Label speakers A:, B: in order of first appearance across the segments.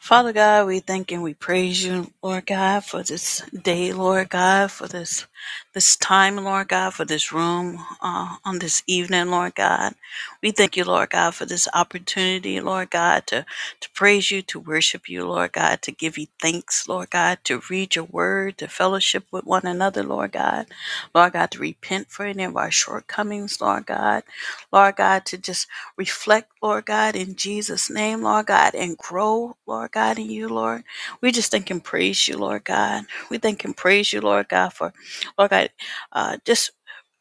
A: Father God, we thank and we praise you, Lord God, for this day, Lord God, for this this time, Lord God, for this room uh, on this evening, Lord God. We thank you, Lord God, for this opportunity, Lord God, to to praise you, to worship you, Lord God, to give you thanks, Lord God, to read your word, to fellowship with one another, Lord God, Lord God, to repent for any of our shortcomings, Lord God, Lord God, to just reflect, Lord God, in Jesus' name, Lord God, and grow, Lord God, in you, Lord. We just thank and praise you, Lord God. We thank and praise you, Lord God, for, Lord God, uh, just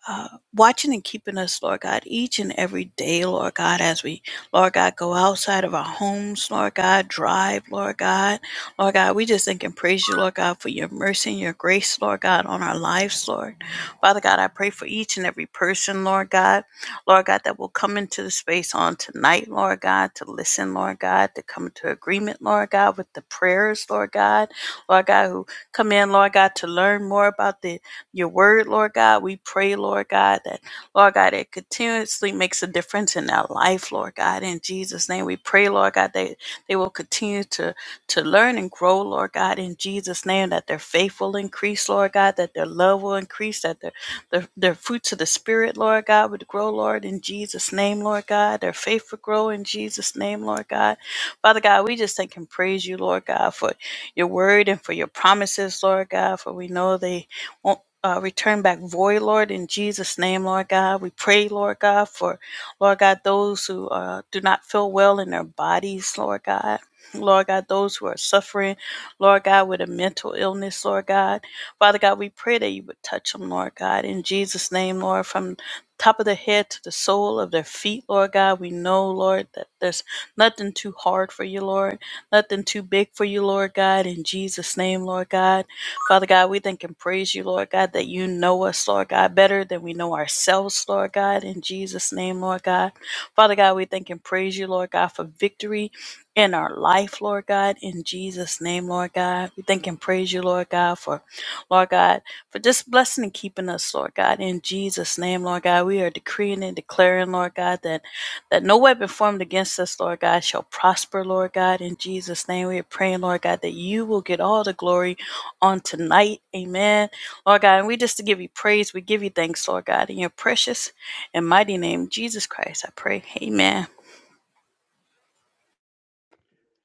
A: uh, watching and keeping us, Lord God, each and every day, Lord God, as we, Lord God, go outside of our homes, Lord God, drive, Lord God. Lord God, we just thank and praise you, Lord God, for your mercy and your grace, Lord God, on our lives, Lord. Father God, I pray for each and every person, Lord God, Lord God, that will come into the space on tonight, Lord God, to listen, Lord God, to come into agreement, Lord God, with the prayers, Lord God, Lord God, who come in, Lord God, to learn more about the your word, Lord God. We pray, Lord God, that, Lord God, it continuously makes a difference in our life, Lord God. In Jesus' name, we pray, Lord God, that they will continue to, to learn and grow, Lord God, in Jesus' name, that their faith will increase, Lord God, that their love will increase, that their, their, their fruits of the Spirit, Lord God, would grow, Lord, in Jesus' name, Lord God. Their faith will grow in Jesus' name, Lord God. Father God, we just thank and praise you, Lord God, for your word and for your promises, Lord God, for we know they won't uh, return back void, Lord, in Jesus' name, Lord God. We pray, Lord God, for, Lord God, those who uh, do not feel well in their bodies, Lord God. Lord God, those who are suffering, Lord God, with a mental illness, Lord God. Father God, we pray that you would touch them, Lord God, in Jesus' name, Lord, from top of the head to the sole of their feet, Lord God. We know, Lord, that there's nothing too hard for you, Lord, nothing too big for you, Lord God, in Jesus' name, Lord God. Father God, we thank and praise you, Lord God, that you know us, Lord God, better than we know ourselves, Lord God, in Jesus' name, Lord God. Father God, we thank and praise you, Lord God, for victory in our life, Lord God, in Jesus' name, Lord God. We thank and praise you, Lord God, for, Lord God, for just blessing and keeping us, Lord God, in Jesus' name, Lord God. We are decreeing and declaring, Lord God, that that no weapon formed against us, Lord God, shall prosper, Lord God, in Jesus' name. We are praying, Lord God, that you will get all the glory on tonight. Amen. Lord God, and we just to give you praise. We give you thanks, Lord God, in your precious and mighty name, Jesus Christ. I pray. Amen.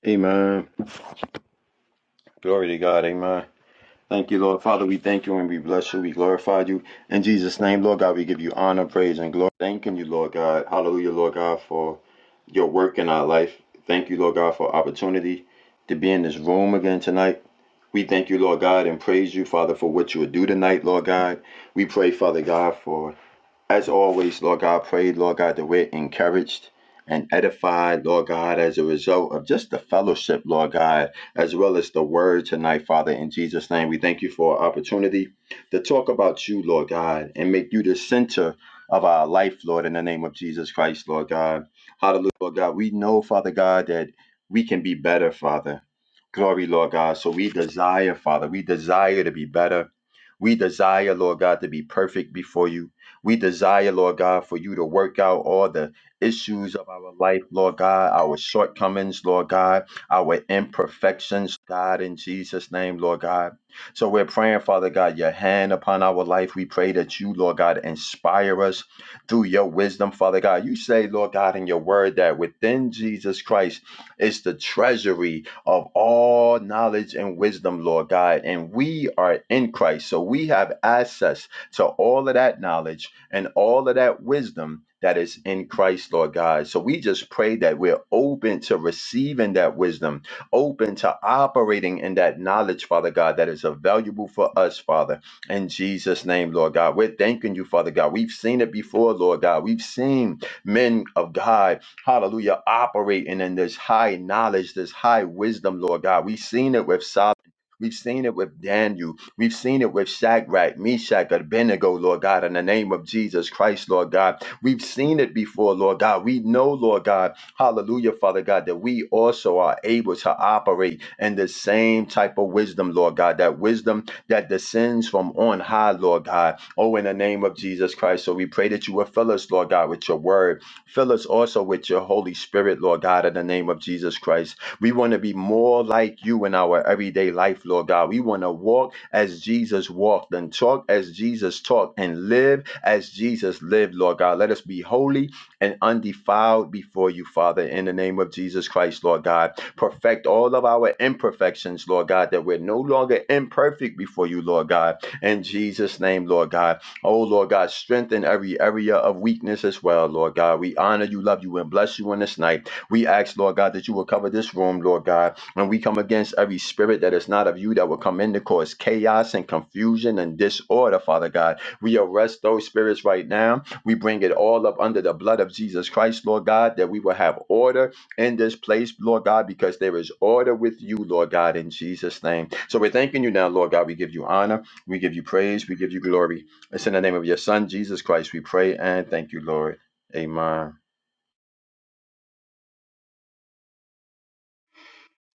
B: Amen. Glory to God. Amen. Thank you, Lord. Father, we thank you and we bless you. We glorify you. In Jesus' name, Lord God, we give you honor, praise, and glory. Thanking you, Lord God. Hallelujah, Lord God, for your work in our life. Thank you, Lord God, for opportunity to be in this room again tonight. We thank you, Lord God, and praise you, Father, for what you would do tonight, Lord God. We pray, Father God, for as always, Lord God, pray, Lord God, that we're encouraged and edified, Lord God, as a result of just the fellowship, Lord God, as well as the word tonight, Father. In Jesus' name, we thank you for our opportunity to talk about you, Lord God, and make you the center of our life, Lord, in the name of Jesus Christ, Lord God. Hallelujah, Lord God. We know, Father God, that we can be better, Father. Glory, Lord God. So we desire, Father, we desire to be better. We desire, Lord God, to be perfect before you. We desire, Lord God, for you to work out all the issues of our life, Lord God, our shortcomings, Lord God, our imperfections, God, in Jesus' name, Lord God. So we're praying, Father God, your hand upon our life. We pray that you, Lord God, inspire us through your wisdom, Father God. You say, Lord God, in your word that within Jesus Christ is the treasury of all knowledge and wisdom, Lord God. And we are in Christ. So we have access to all of that knowledge and all of that wisdom that is in Christ, Lord God. So we just pray that we're open to receiving that wisdom, open to operating in that knowledge, Father God, that is available for us, Father. In Jesus' name, Lord God, we're thanking you, Father God. We've seen it before, Lord God. We've seen men of God, hallelujah, operating in this high knowledge, this high wisdom, Lord God. We've seen it with Solomon. We've seen it with Daniel. We've seen it with Shadrach, Meshach, Abednego, Lord God, in the name of Jesus Christ, Lord God. We've seen it before, Lord God. We know, Lord God, hallelujah, Father God, that we also are able to operate in the same type of wisdom, Lord God, that wisdom that descends from on high, Lord God. Oh, in the name of Jesus Christ. So we pray that you will fill us, Lord God, with your word. Fill us also with your Holy Spirit, Lord God, in the name of Jesus Christ. We want to be more like you in our everyday life, Lord God. We want to walk as Jesus walked and talk as Jesus talked and live as Jesus lived, Lord God. Let us be holy and undefiled before you, Father, in the name of Jesus Christ, Lord God. Perfect all of our imperfections, Lord God, that we're no longer imperfect before you, Lord God. In Jesus' name, Lord God. Oh, Lord God, strengthen every area of weakness as well, Lord God. We honor you, love you, and bless you in this night. We ask, Lord God, that you will cover this room, Lord God, and we come against every spirit that is not of you that will come in to cause chaos and confusion and disorder, Father God. We arrest those spirits right now. We bring it all up under the blood of Jesus Christ, Lord God, that we will have order in this place, Lord God, because there is order with you, Lord God, in Jesus' name. So we're thanking you now, Lord God. We give you honor, we give you praise, we give you glory. It's in the name of your Son, Jesus Christ, we pray and thank you, Lord. Amen.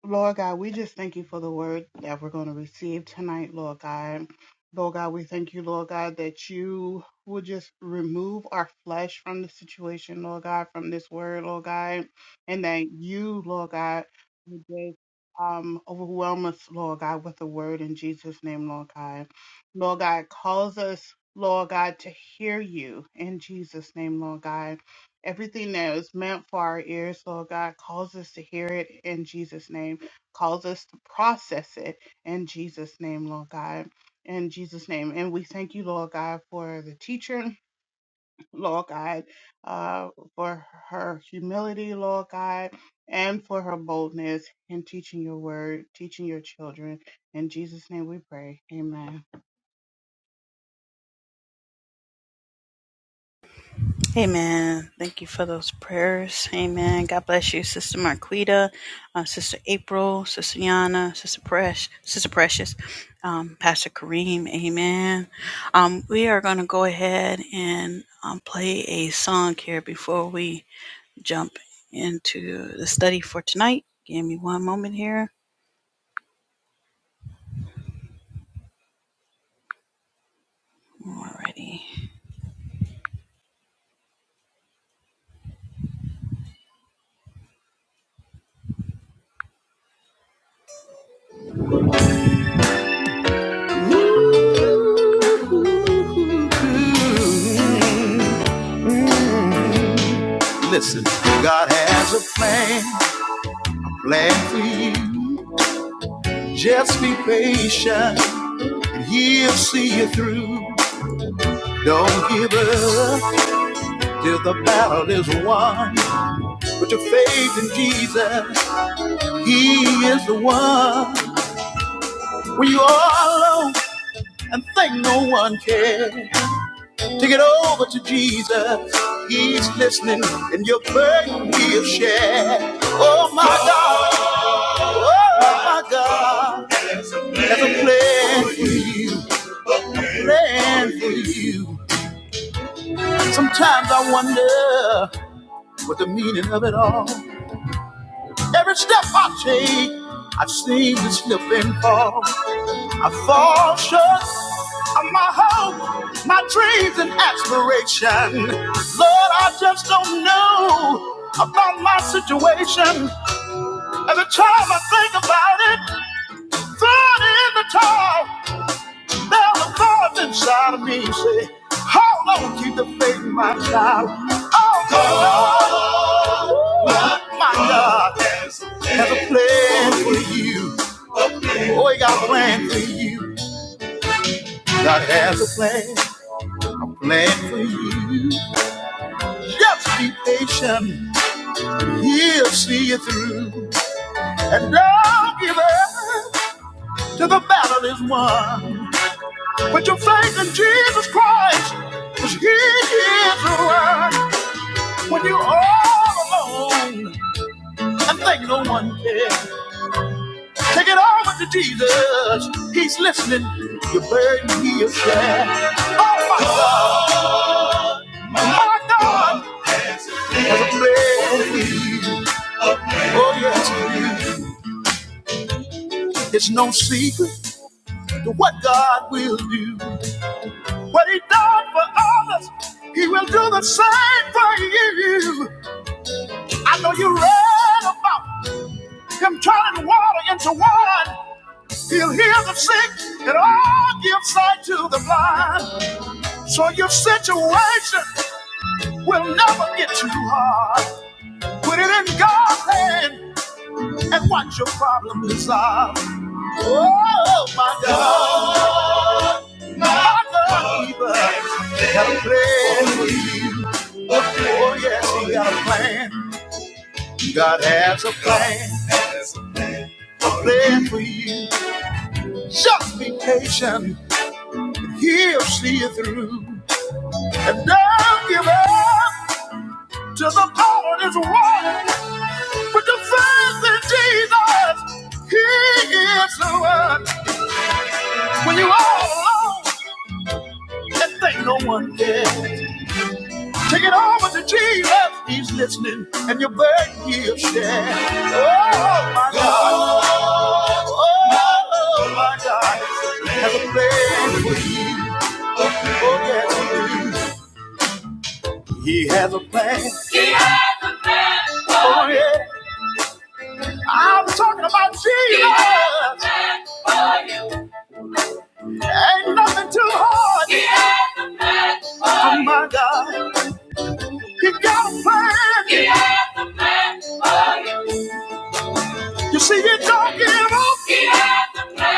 C: Lord God, we just thank you for the word that we're going to receive tonight, Lord God. Lord God, we thank you, Lord God, that you will just remove our flesh from the situation, Lord God, from this word, Lord God, and that you, Lord God, will just um, overwhelm us, Lord God, with the word in Jesus' name, Lord God. Lord God, cause us, Lord God, to hear you in Jesus' name, Lord God. Everything that is meant for our ears, Lord God, calls us to hear it in Jesus' name, calls us to process it in Jesus' name, Lord God. In Jesus' name. And we thank you, Lord God, for the teacher, Lord God, uh, for her humility, Lord God, and for her boldness in teaching your word, teaching your children. In Jesus' name we pray. Amen.
A: Amen. Thank you for those prayers. Amen. God bless you, Sister Marquita, uh, Sister April, Sister Yana, Sister Precious, Sister Precious, um, Pastor Kareem. Amen. Um, we are going to go ahead and um, play a song here before we jump into the study for tonight. Give me one moment here. Alrighty. Listen, God has a plan, plan for you. Just be patient and he'll see you through. Don't give up till the battle is won. Put your faith in Jesus, he is the one. When you are alone and think no one cares. Take it over to Jesus. He's listening, and your burden will share. Oh my God, oh my God, there's a plan for you, plan for you. Sometimes I wonder what the meaning of it all. Every step I take, I seem to slip and fall. I fall short of my hope, my dreams and aspiration. Lord, I just don't know about my situation. Every time I think about it, thrown in the towel, there's a voice inside of me say, Hold on, keep the faith, my child. Oh, Go my my God, has a plan for you. Oh, he got a plan for you. God has a plan. glad for you. Just be patient, he'll see you through. And don't give up till the battle is won. Put your faith in Jesus Christ, because he is the one. When you're all alone and think no one cares, take it over to Jesus. He's listening, your burden he'll share. Oh my God, my God, has a plan for you. Oh yes, he is. It's no secret to what God will do. What He done for others, He will do the same for you. I know you read about Him turning water into wine. He'll heal the sick and all give sight to the blind. So your situation will never get too hard. Put it in God's hand and watch your problem resolve. Oh, my God, my God, He does a plan for you. Oh, yes, He got a plan. God has a plan, a plan for you. Just be patient, He'll see you through. And don't give up to the power that's running. But the faith in Jesus, He is the one. When you are all alone and think no one cares, Take it over to Jesus. He's listening, and your burden he'll share. Oh my God. Oh my God. Has a plan for you. Oh yes, he He has a plan. Oh yeah. I'm talking about Jesus. Ain't nothing too hard. Oh my God. He got a plan. You see, you don't give up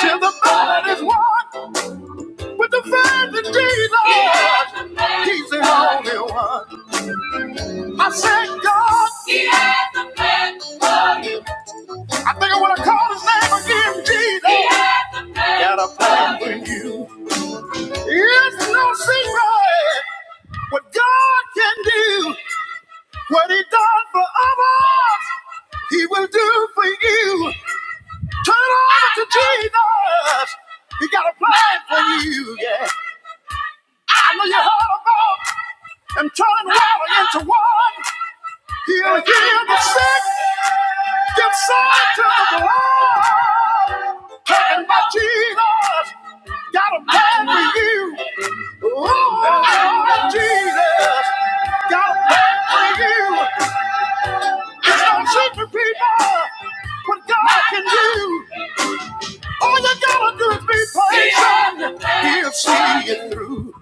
A: till the battle is won. With the faith in Jesus, He's the only one. I said, God, I think I want to call His name again, Jesus. Got a plan for you. It's no secret what God can do. What He done for others, He will do for you. Turn over to Jesus. He got a plan for you. Yeah, I know you heard about Him turning water into wine. He'll heal the sick, give sight to the blind. Talking about Jesus, got a plan for you. Oh, Jesus, got a plan for you. It's no secret, people, what God can do. All you gotta do is be patient. He'll see you through.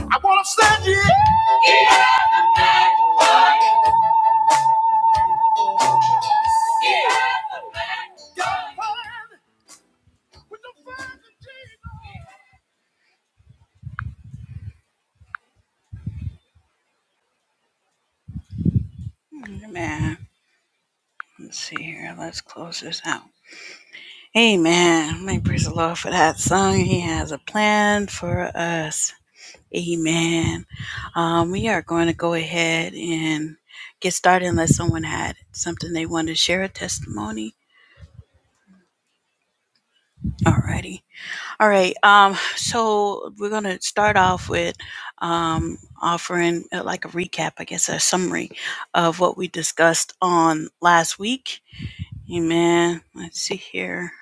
A: I wanna stand here. He has a plan for you. He has a plan. Amen. Let's see here. Let's close this out. Amen. May praise the Lord for that song. He has a plan for us. Amen. Um, we are going to go ahead and get started unless someone had something they wanted to share a testimony. Alrighty. All right. Um, so we're gonna start off with um offering uh, like a recap, I guess, a summary of what we discussed on last week Amen. Let's see here.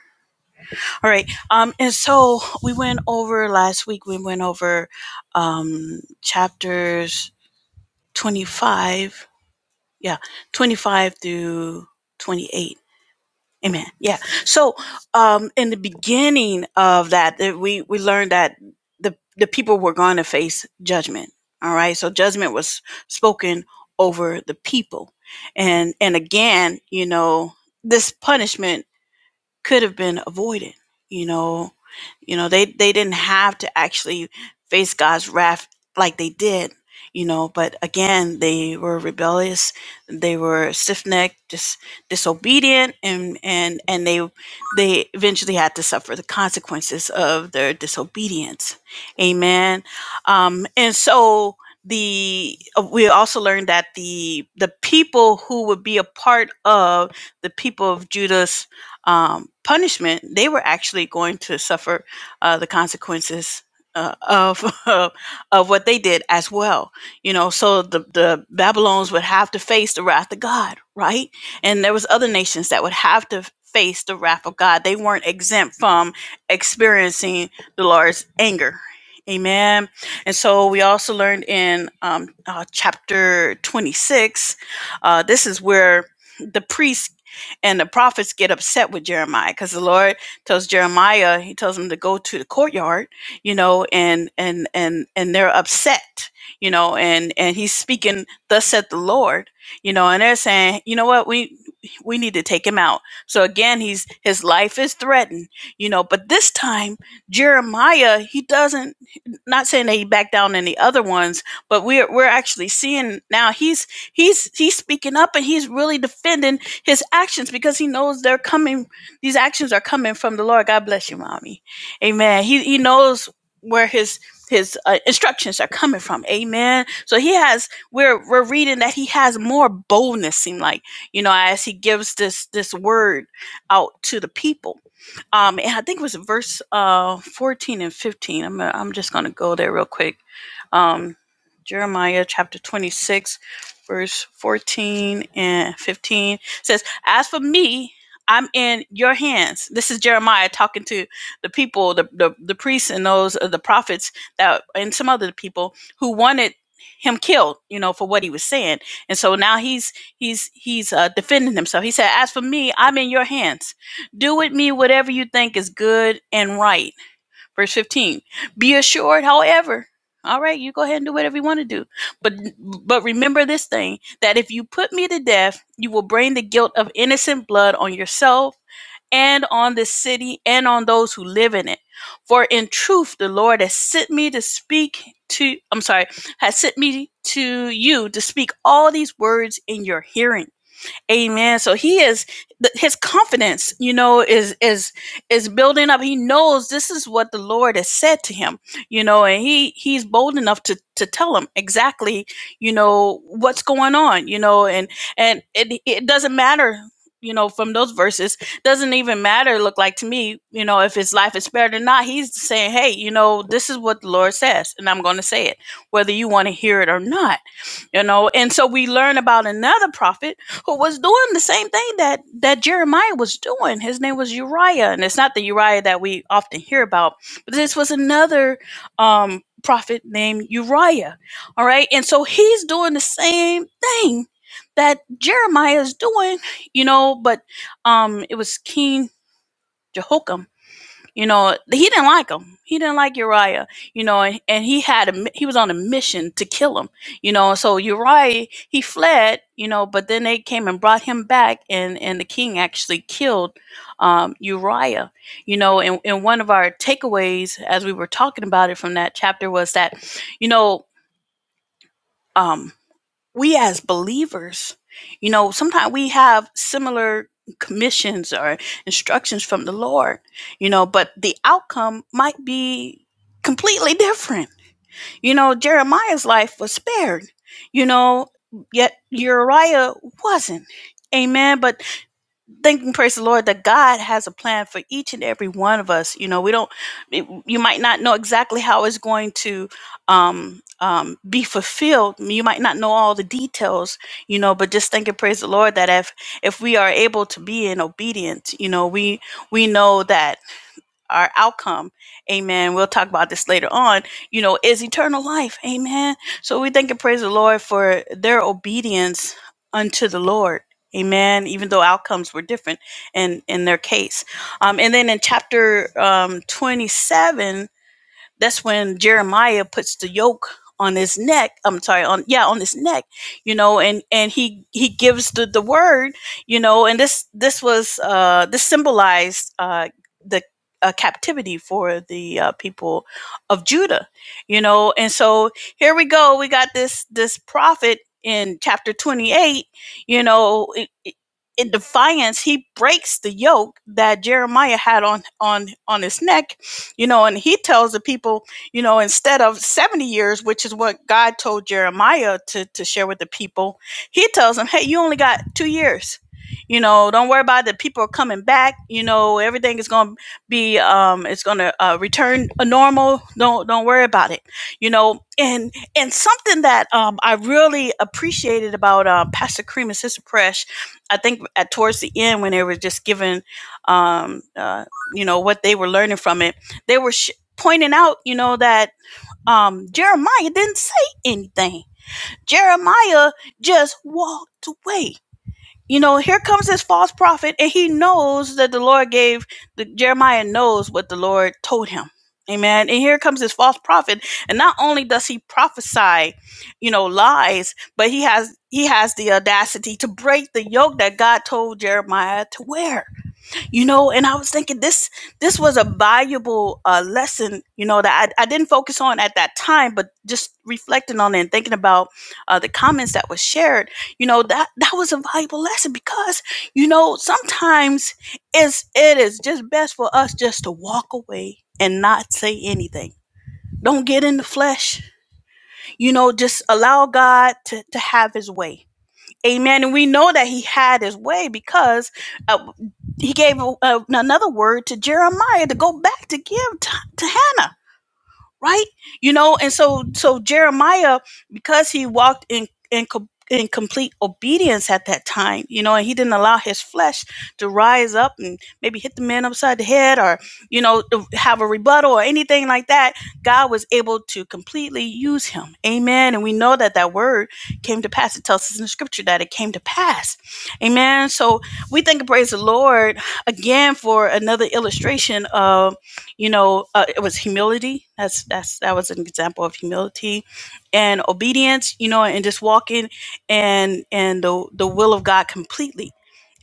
A: All right. Um, and so we went over last week, we went over um, chapters 25. Yeah. 25 through 28. Amen. Yeah. So um, in the beginning of that, we, we learned that the, the people were going to face judgment. All right. So judgment was spoken over the people. And, and again, you know, this punishment could have been avoided you know you know they they didn't have to actually face god's wrath like they did you know but again they were rebellious they were stiff-necked dis- disobedient and and and they they eventually had to suffer the consequences of their disobedience amen um and so the uh, we also learned that the the people who would be a part of the people of Judas um, punishment, they were actually going to suffer uh, the consequences uh, of of what they did as well. You know, so the the Babylons would have to face the wrath of God, right? And there was other nations that would have to face the wrath of God. They weren't exempt from experiencing the Lord's anger. Amen. And so we also learned in um, uh, chapter 26, uh, this is where the priests and the prophets get upset with Jeremiah because the Lord tells Jeremiah, he tells him to go to the courtyard, you know, and and and and they're upset, you know, and and he's speaking, thus said the Lord, you know, and they're saying, you know what, we we need to take him out. So again, he's his life is threatened, you know, but this time Jeremiah, he doesn't not saying that he backed down any other ones, but we're we're actually seeing now he's he's he's speaking up and he's really defending his actions because he knows they're coming these actions are coming from the lord god bless you mommy amen he, he knows where his his uh, instructions are coming from amen so he has we're we're reading that he has more boldness seem like you know as he gives this this word out to the people um and i think it was verse uh 14 and 15 i'm i'm just gonna go there real quick um, Jeremiah chapter 26, verse 14 and 15 says, As for me, I'm in your hands. This is Jeremiah talking to the people, the, the, the priests and those uh, the prophets that and some other people who wanted him killed, you know, for what he was saying. And so now he's he's he's uh, defending himself. He said, "As for me, I'm in your hands. Do with me whatever you think is good and right." Verse 15. Be assured, however. All right, you go ahead and do whatever you want to do. But but remember this thing that if you put me to death, you will bring the guilt of innocent blood on yourself and on this city and on those who live in it. For in truth the Lord has sent me to speak to I'm sorry, has sent me to you to speak all these words in your hearing. Amen. So he is his confidence, you know, is is is building up. He knows this is what the Lord has said to him, you know, and he he's bold enough to to tell him exactly, you know, what's going on, you know, and and it it doesn't matter you know from those verses doesn't even matter look like to me you know if his life is spared or not he's saying hey you know this is what the lord says and i'm going to say it whether you want to hear it or not you know and so we learn about another prophet who was doing the same thing that that Jeremiah was doing. His name was Uriah, and it's not the Uriah that we often hear about, but this was another um, prophet named Uriah. All right, and so he's doing the same thing that Jeremiah is doing, you know. But um, it was King Jehoiakim you know, he didn't like him. He didn't like Uriah. You know, and, and he had a he was on a mission to kill him. You know, so Uriah he fled. You know, but then they came and brought him back, and and the king actually killed um, Uriah. You know, and and one of our takeaways as we were talking about it from that chapter was that, you know. Um, we as believers, you know, sometimes we have similar commissions or instructions from the Lord, you know, but the outcome might be completely different. You know, Jeremiah's life was spared, you know, yet Uriah wasn't. Amen. But thank praise the Lord that God has a plan for each and every one of us. You know, we don't, it- you might not know exactly how it's going to um, um, be fulfilled. You might not know all the details, you know, but just thank and praise the Lord that if, if we are able to be in obedience, you know, we, we know that our outcome. Amen. We'll talk about this later on. You know, is eternal life. Amen. So we thank and praise the Lord for their obedience unto the Lord. Amen. Even though outcomes were different in in their case, um, and then in chapter um, twenty seven that's when Jeremiah puts the yoke on his neck. I'm sorry, on yeah, on his neck, you know, and and he he gives the the word, you know, and this this was uh this symbolized uh the uh, captivity for the uh, people of Judah, you know, and so here we go. We got this this prophet in chapter 28, you know, i- i- in defiance, he breaks the yoke that Jeremiah had on on on his neck you know and he tells the people you know instead of 70 years which is what god told jeremiah to, to share with the people he tells them hey you only got two years you know don't worry about it people are coming back you know everything is going to be um it's going to uh, return a normal don't don't worry about it you know and and something that um i really appreciated about uh, pastor cream and sister presh i think at towards the end when they were just giving um uh, you know what they were learning from it they were sh- pointing out, you know, that um, Jeremiah didn't say anything. Jeremiah just walked away. You know, here comes this false prophet, and he knows that the Lord gave the Jeremiah knows what the Lord told him. Amen. And here comes this false prophet, and not only does he prophesy, you know, lies, but he has he has the audacity to break the yoke that God told Jeremiah to wear you know and i was thinking this this was a valuable uh, lesson you know that I, I didn't focus on at that time but just reflecting on it and thinking about uh, the comments that was shared you know that that was a valuable lesson because you know sometimes it's it is just best for us just to walk away and not say anything don't get in the flesh you know just allow god to, to have his way Amen. And we know that he had his way because uh, he gave a, a- another word to Jeremiah to go back to give t- to Hannah right you know and so so jeremiah because he walked in in co- in complete obedience at that time you know and he didn't allow his flesh to rise up and maybe hit the man upside the head or you know to have a rebuttal or anything like that god was able to completely use him amen and we know that that word came to pass it tells us in the scripture that it came to pass amen so we thank and praise the lord again for another illustration of you know uh, it was humility that's that's that was an example of humility and obedience you know and just walking and and the the will of god completely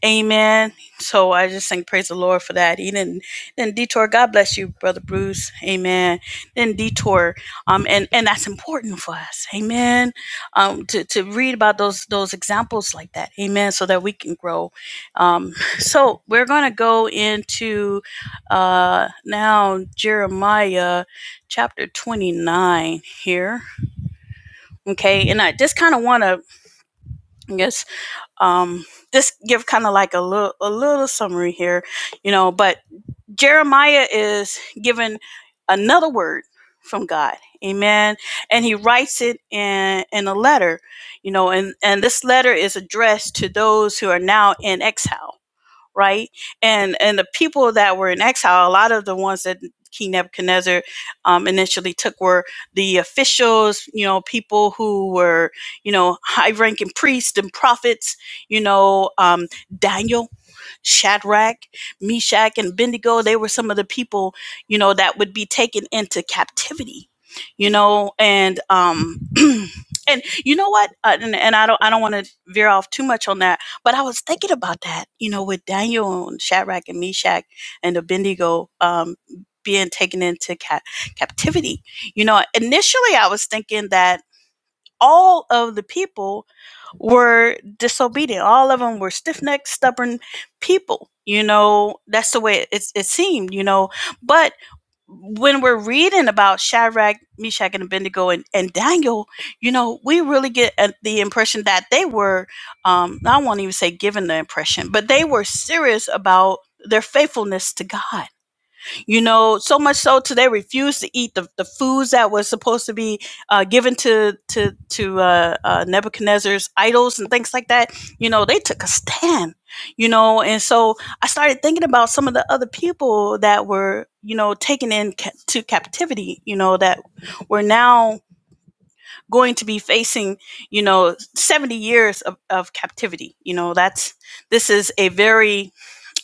A: Amen. So I just think praise the Lord for that. He didn't didn't detour. God bless you, brother Bruce. Amen. Didn't detour. Um, and and that's important for us. Amen. Um, to to read about those those examples like that. Amen. So that we can grow. Um, so we're gonna go into uh now Jeremiah chapter twenty nine here. Okay, and I just kind of want to I guess um just give kind of like a little a little summary here you know but jeremiah is given another word from god amen and he writes it in in a letter you know and and this letter is addressed to those who are now in exile right? And and the people that were in exile, a lot of the ones that King Nebuchadnezzar um, initially took were the officials, you know, people who were, you know, high-ranking priests and prophets, you know, um, Daniel Shadrach, Meshach, and abednego they were some of the people, you know, that would be taken into captivity, you know, and um and you know what? Uh, and, and I don't I don't want to veer off too much on that, but I was thinking about that, you know, with Daniel and Shadrach and Meshach and Abednego um being taken into ca- captivity. You know, initially I was thinking that all of the people were disobedient. All of them were stiff necked, stubborn people. You know, that's the way it, it seemed, you know. But when we're reading about Shadrach, Meshach, and Abednego and, and Daniel, you know, we really get uh, the impression that they were, um, I won't even say given the impression, but they were serious about their faithfulness to God you know so much so to they refused to eat the, the foods that was supposed to be uh, given to to to uh, uh, nebuchadnezzar's idols and things like that you know they took a stand you know and so i started thinking about some of the other people that were you know taken into ca- captivity you know that were now going to be facing you know 70 years of, of captivity you know that's this is a very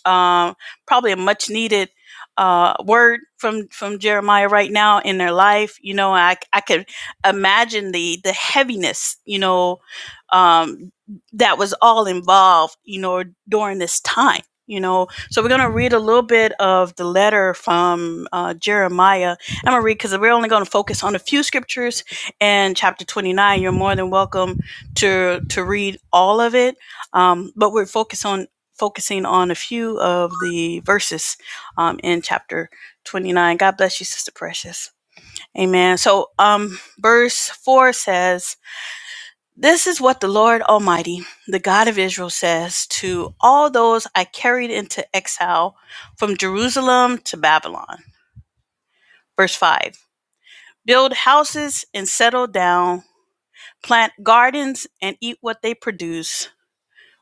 A: um, probably a much needed uh, word from from Jeremiah right now in their life. You know, I I could imagine the the heaviness. You know, um, that was all involved. You know, during this time. You know, so we're gonna read a little bit of the letter from uh, Jeremiah. I'm gonna read because we're only gonna focus on a few scriptures and chapter 29. You're more than welcome to to read all of it, um, but we're focused on focusing on a few of the verses um, in chapter 29. God bless you, Sister Precious. Amen. So, um, verse 4 says, This is what the Lord Almighty, the God of Israel, says to all those I carried into exile from Jerusalem to Babylon. Verse 5 Build houses and settle down, plant gardens and eat what they produce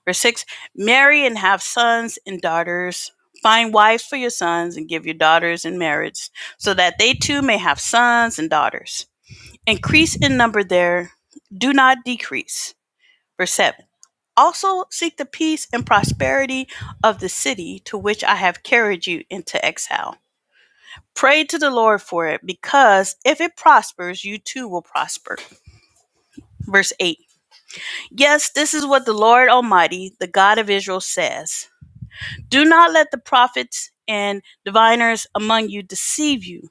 A: Verse 6 Marry and have sons and daughters. Find wives for your sons and give your daughters in marriage, so that they too may have sons and daughters. Increase in number there, do not decrease. Verse 7 Also seek the peace and prosperity of the city to which I have carried you into exile. Pray to the Lord for it, because if it prospers, you too will prosper. Verse 8 Yes, this is what the Lord Almighty, the God of Israel, says. Do not let the prophets and diviners among you deceive you.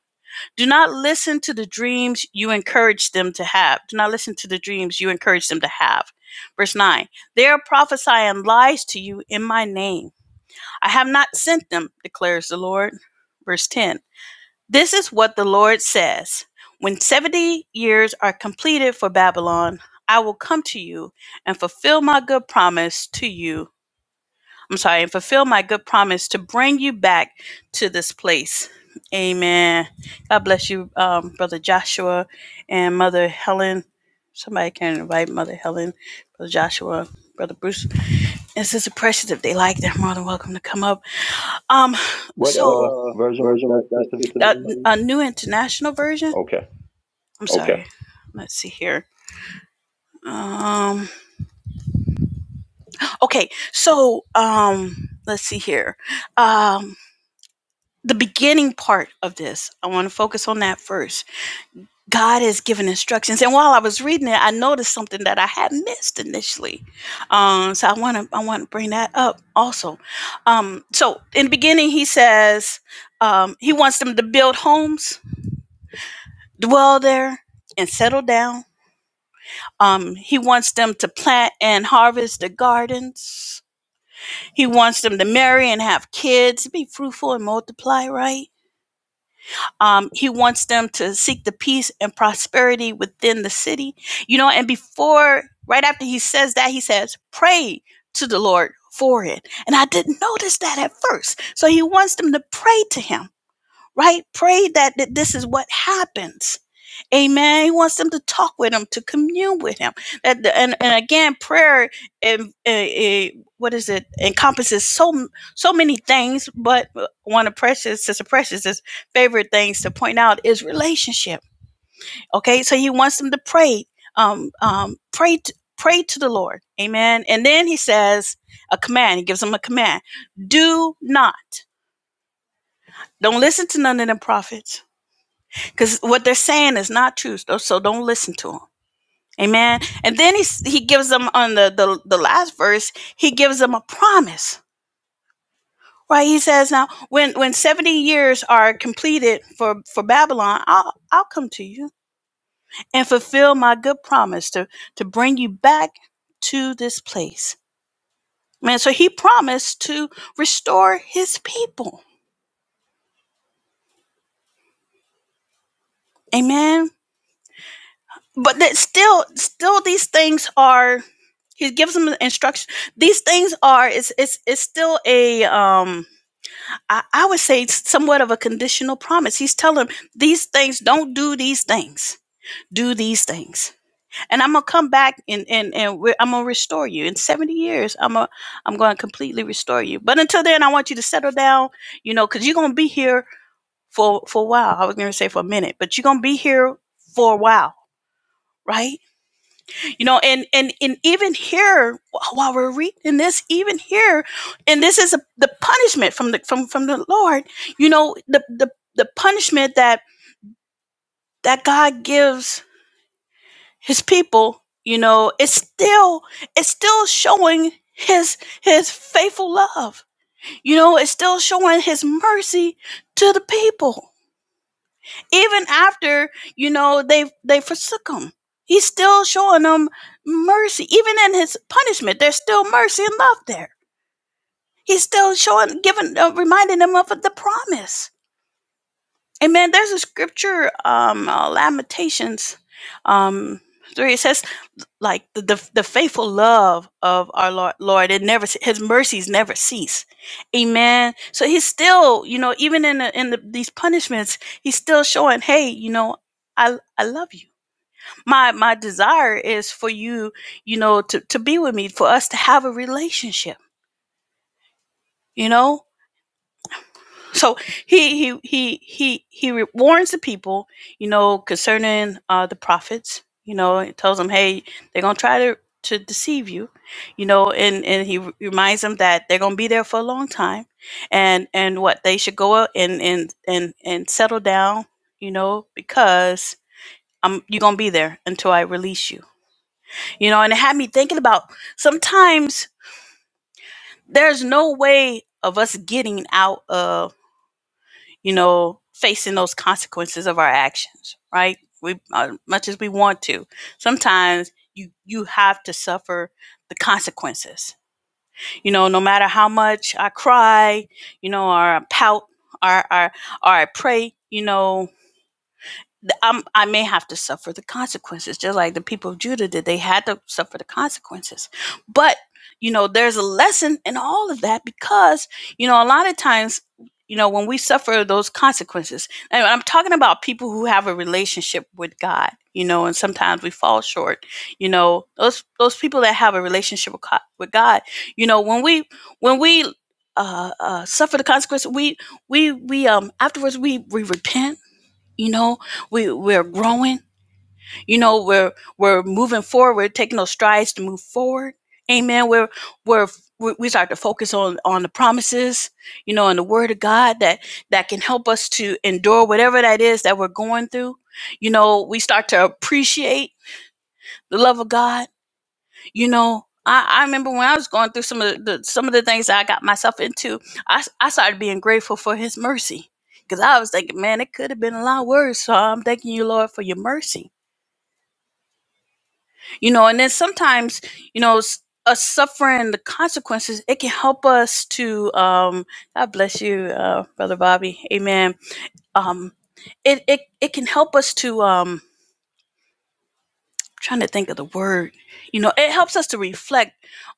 A: Do not listen to the dreams you encourage them to have. Do not listen to the dreams you encourage them to have. Verse 9 They are prophesying lies to you in my name. I have not sent them, declares the Lord. Verse 10 This is what the Lord says When 70 years are completed for Babylon, I will come to you and fulfill my good promise to you I'm sorry, and fulfill my good promise to bring you back to this place. Amen. God bless you, um, Brother Joshua and Mother Helen. Somebody can invite Mother Helen, Brother Joshua, Brother Bruce, and Sister Precious if they like. They're more than welcome to come up. Um, What
B: What
A: so
B: uh
A: what, uh
B: version was
A: version was
B: that,
A: that,
B: Sister
A: Sister a,
B: Victoria?
A: a new international version.
B: Okay.
A: I'm Okay. sorry. Okay. Let's see here. Um, okay, so um, let's see here. Um. the beginning part of this. I want to focus on that first. God has given instructions, and while I was reading it, I noticed something that I had missed initially. Um, so I want to I want to bring that up also. Um, so in the beginning, he says um, he wants them to build homes, dwell there, and settle down. Um, he wants them to plant and harvest the gardens. He wants them to marry and have kids, be fruitful and multiply, right? Um, he wants them to seek the peace and prosperity within the city. You know, and before, right after he says that, he says, pray to the Lord for it. And I didn't notice that at first. So he wants them to pray to him, right? Pray that, that this is what happens Amen. He wants them to talk with him, to commune with him. That and, and again, prayer and and, and, what is it encompasses so so many things. But one of precious sister precious's favorite things to point out is relationship. Okay, so he wants them to pray, um, um, pray, t- pray to the Lord. Amen. And then he says a command. He gives them a command: Do not. Don't listen to none of them prophets, because what they're saying is not true. So so don't listen to them. Amen. And then he s- he gives them on the, the the last verse, he gives them a promise. Right? He says, "Now, when when 70 years are completed for for Babylon, I'll I'll come to you and fulfill my good promise to to bring you back to this place." Man, so he promised to restore his people. Amen. But that still still these things are he gives them instruction. These things are it's it's it's still a um I, I would say somewhat of a conditional promise. He's telling him these things, don't do these things. Do these things, and I'm gonna come back and and and we're, I'm gonna restore you in 70 years. I'm a I'm gonna completely restore you. But until then, I want you to settle down, you know, because you're gonna be here for for a while. I was gonna say for a minute, but you're gonna be here for a while, right? you know and and and even here while we're reading this even here and this is a, the punishment from the from from the lord you know the the the punishment that that god gives his people you know it's still it's still showing his his faithful love you know it's still showing his mercy to the people even after you know they they forsook him he's still showing them mercy even in his punishment there's still mercy and love there he's still showing giving uh, reminding them of the promise amen there's a scripture um uh, lamentations um three it says like the, the, the faithful love of our lord, lord it never ce- his mercies never cease amen so he's still you know even in the, in the, these punishments he's still showing hey you know i i love you my my desire is for you you know to to be with me for us to have a relationship you know so he he he he he re- warns the people you know concerning uh the prophets you know and tells them hey they're gonna try to to deceive you you know and and he re- reminds them that they're gonna be there for a long time and and what they should go out and and and and settle down you know because i'm you're gonna be there until i release you you know and it had me thinking about sometimes there's no way of us getting out of you know, facing those consequences of our actions, right? We, as much as we want to, sometimes you you have to suffer the consequences. You know, no matter how much I cry, you know, or I pout, or or or I pray, you know, th- I'm, I may have to suffer the consequences, just like the people of Judah did. They had to suffer the consequences. But, you know, there's a lesson in all of that because, you know, a lot of times, you know, when we suffer those consequences, and I'm talking about people who have a relationship with God, you know, and sometimes we fall short, you know, those, those people that have a relationship with God, with God you know, when we, when we, uh, uh, suffer the consequences. We, we, we, um, afterwards we, we repent you know we we're growing you know we're we're moving forward We're taking those strides to move forward amen we're we're we we start to focus on on the promises you know and the word of god that that can help us to endure whatever that is that we're going through you know we start to appreciate the love of god you know I, I remember when I was going through some of the, the some of the things I got myself into, I I started being grateful for his mercy. Cause I was thinking, man, it could have been a lot worse. So I'm thanking you, Lord, for your mercy. You know, and then sometimes, you know, s- us suffering the consequences, it can help us to um God bless you, uh, Brother Bobby. Amen. Um it, it it can help us to um trying to think of the word you know it helps us to reflect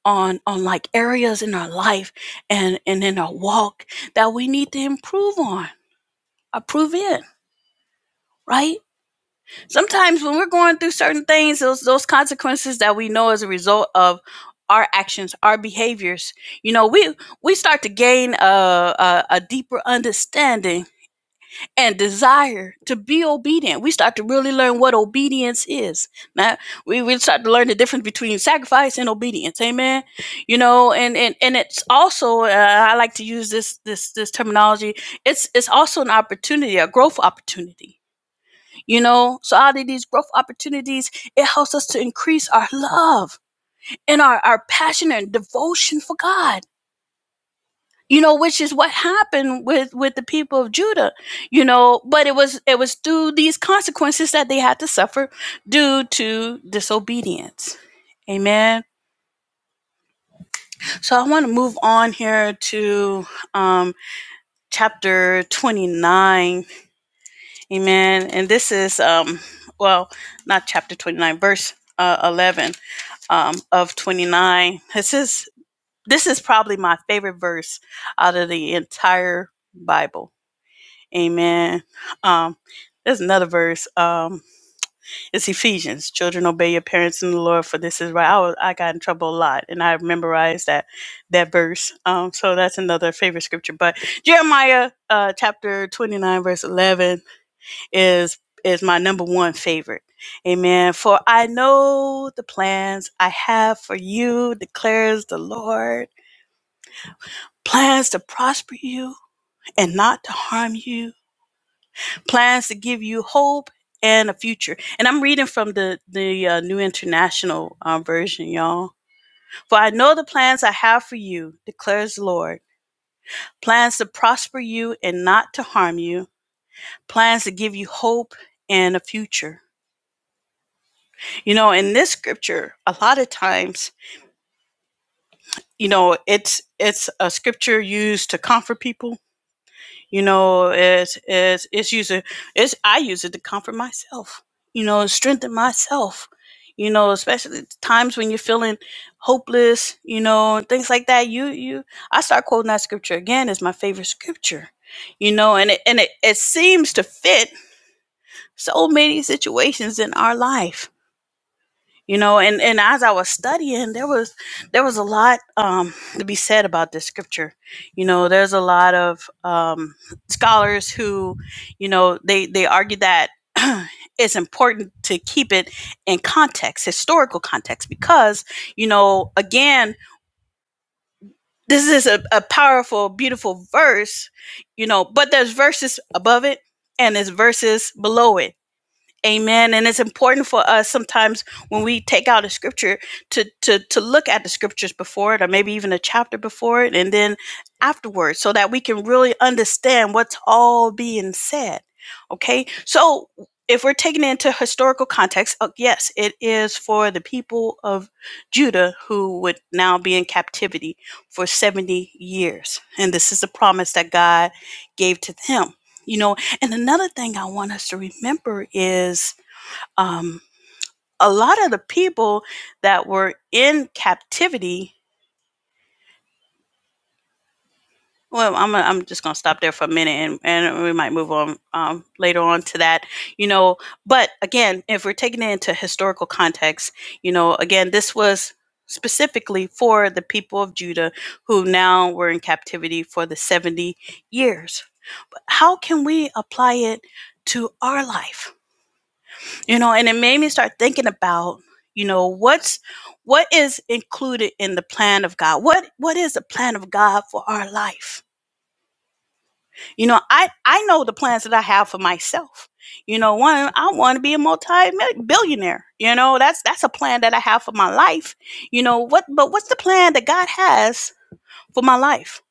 A: on on like areas in our life and and in our walk that we need to improve on improve in right sometimes when we're going through certain things those those consequences that we know as a result of our actions our behaviors you know we we start to gain a a, a deeper understanding and desire to be obedient. We start to really learn what obedience is. Now we, we start to learn the difference between sacrifice and obedience. Amen. You know, and and and it's also uh, I like to use this this this terminology. It's it's also an opportunity, a growth opportunity. You know, so out of these growth opportunities, it helps us to increase our love and our, our passion and devotion for God you know which is what happened with with the people of judah you know but it was it was through these consequences that they had to suffer due to disobedience amen so i want to move on here to um chapter 29 amen and this is um well not chapter 29 verse uh, 11 um of 29 this is this is probably my favorite verse out of the entire bible Amen. Um, there's another verse. Um, it's Ephesians. Children, obey your parents in the Lord, for this is right. I, was, I got in trouble a lot, and I memorized that that verse. Um, so that's another favorite scripture. But Jeremiah uh, chapter 29, verse 11 is is my number one favorite. Amen. For I know the plans I have for you, declares the Lord. Plans to prosper you and not to harm you plans to give you hope and a future. And I'm reading from the the uh, New International uh, Version, y'all. For I know the plans I have for you, declares the Lord. Plans to prosper you and not to harm you. Plans to give you hope and a future. You know, in this scripture, a lot of times, you know, it's it's a scripture used to comfort people You know, it's it's it's using it's I use it to comfort myself. You know, strengthen myself. You know, especially at times when you're feeling hopeless. You know, and things like that. You you I start quoting that scripture again. It's my favorite scripture. You know, and it and it, it seems to fit so many situations in our life you know and and as i was studying there was there was a lot um to be said about this scripture you know there's a lot of um scholars who you know they they argue that it's important to keep it in context historical context because you know again this is a, a powerful beautiful verse you know but there's verses above it and there's verses below it Amen. And it's important for us sometimes when we take out a scripture to to to look at the scriptures before it, or maybe even a chapter before it, and then afterwards, so that we can really understand what's all being said. Okay. So if we're taking it into historical context, uh, yes, it is for the people of Judah who would now be in captivity for 70 years. And this is the promise that God gave to them. You know, and another thing I want us to remember is um, a lot of the people that were in captivity. Well, I'm, I'm just going to stop there for a minute and, and we might move on um, later on to that, you know. But again, if we're taking it into historical context, you know, again, this was specifically for the people of Judah who now were in captivity for the 70 years. But how can we apply it to our life? you know and it made me start thinking about you know what's what is included in the plan of god what what is the plan of god for our life you know i i know the plans that i have for myself you know one i want to be a multi-billionaire you know that's that's a plan that i have for my life you know what but what's the plan that god has for my life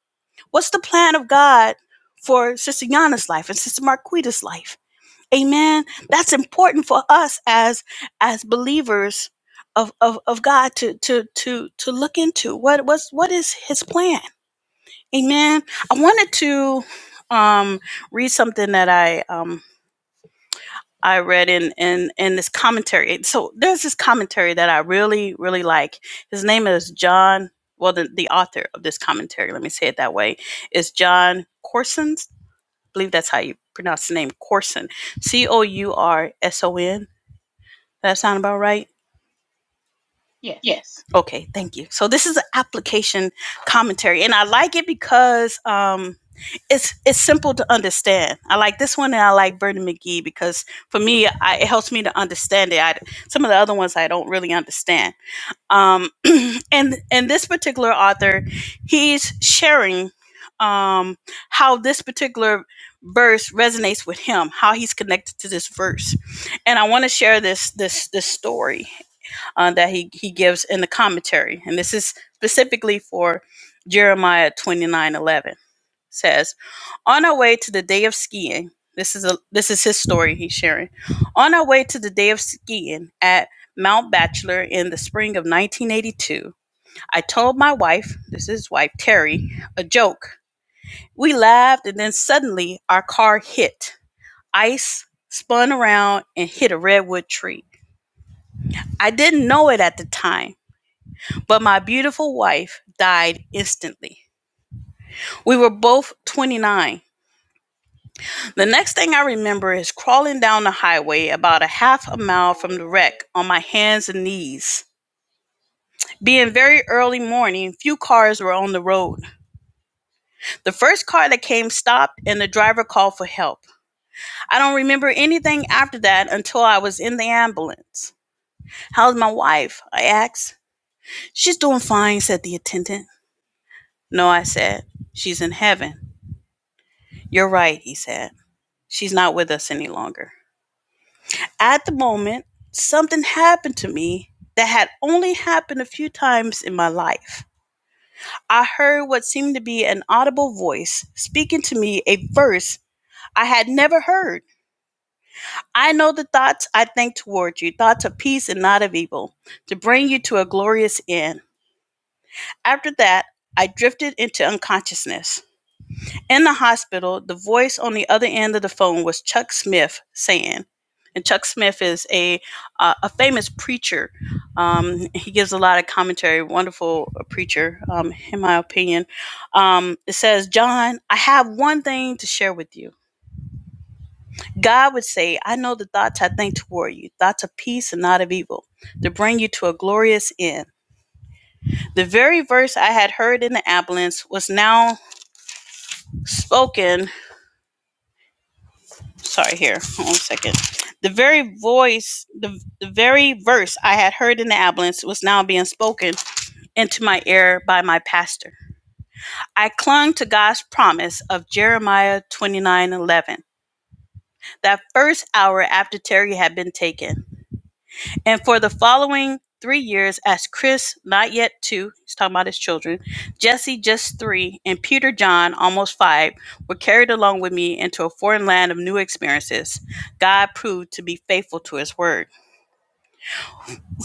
A: what's the plan of god for sister yana's life and sister marquita's life Amen. That's important for us as as believers of of, of God to to to to look into what what's what is His plan. Amen. I wanted to um, read something that I um, I read in in in this commentary. So there's this commentary that I really really like. His name is John. Well, the, the author of this commentary, let me say it that way, is John Corson. I believe that's how you pronounce the name Corson. C O U R S O N That sound about right?
C: Yes.
A: Yes. Okay, thank you. So this is an application commentary, and I like it because um, it's it's simple to understand. I like this one, and I like Bernie McGee because for me, I, it helps me to understand it. I, some of the other ones I don't really understand. Um, and and this particular author, he's sharing um, how this particular verse resonates with him, how he's connected to this verse, and I want to share this this this story uh, that he, he gives in the commentary. And this is specifically for Jeremiah 29 11 Says, On our way to the day of skiing, this is a this is his story he's sharing. On our way to the day of skiing at Mount Bachelor in the spring of 1982, I told my wife, this is his wife Terry, a joke. We laughed and then suddenly our car hit. Ice spun around and hit a redwood tree. I didn't know it at the time but my beautiful wife died instantly. We were both 29. The next thing I remember is crawling down the highway about a half a mile from the wreck on my hands and knees. Being very early morning, few cars were on the road. The first car that came stopped and the driver called for help. I don't remember anything after that until I was in the ambulance. How's my wife? I asked. She's doing fine, said the attendant. No, I said. She's in heaven. You're right, he said. She's not with us any longer. At the moment, something happened to me that had only happened a few times in my life. I heard what seemed to be an audible voice speaking to me a verse I had never heard. I know the thoughts I think toward you, thoughts of peace and not of evil, to bring you to a glorious end. After that, I drifted into unconsciousness. In the hospital, the voice on the other end of the phone was Chuck Smith saying, and Chuck Smith is a uh, a famous preacher. Um, he gives a lot of commentary. Wonderful uh, preacher, um, in my opinion. Um, it says, "John, I have one thing to share with you." God would say, I know the thoughts I think toward you, thoughts of peace and not of evil, to bring you to a glorious end. The very verse I had heard in the ambulance was now spoken sorry here hold on a second the very voice the, the very verse i had heard in the ambulance was now being spoken into my ear by my pastor i clung to god's promise of jeremiah twenty nine eleven. that first hour after terry had been taken and for the following three years, as Chris, not yet two, he's talking about his children, Jesse, just three, and Peter John, almost five, were carried along with me into a foreign land of new experiences. God proved to be faithful to his word.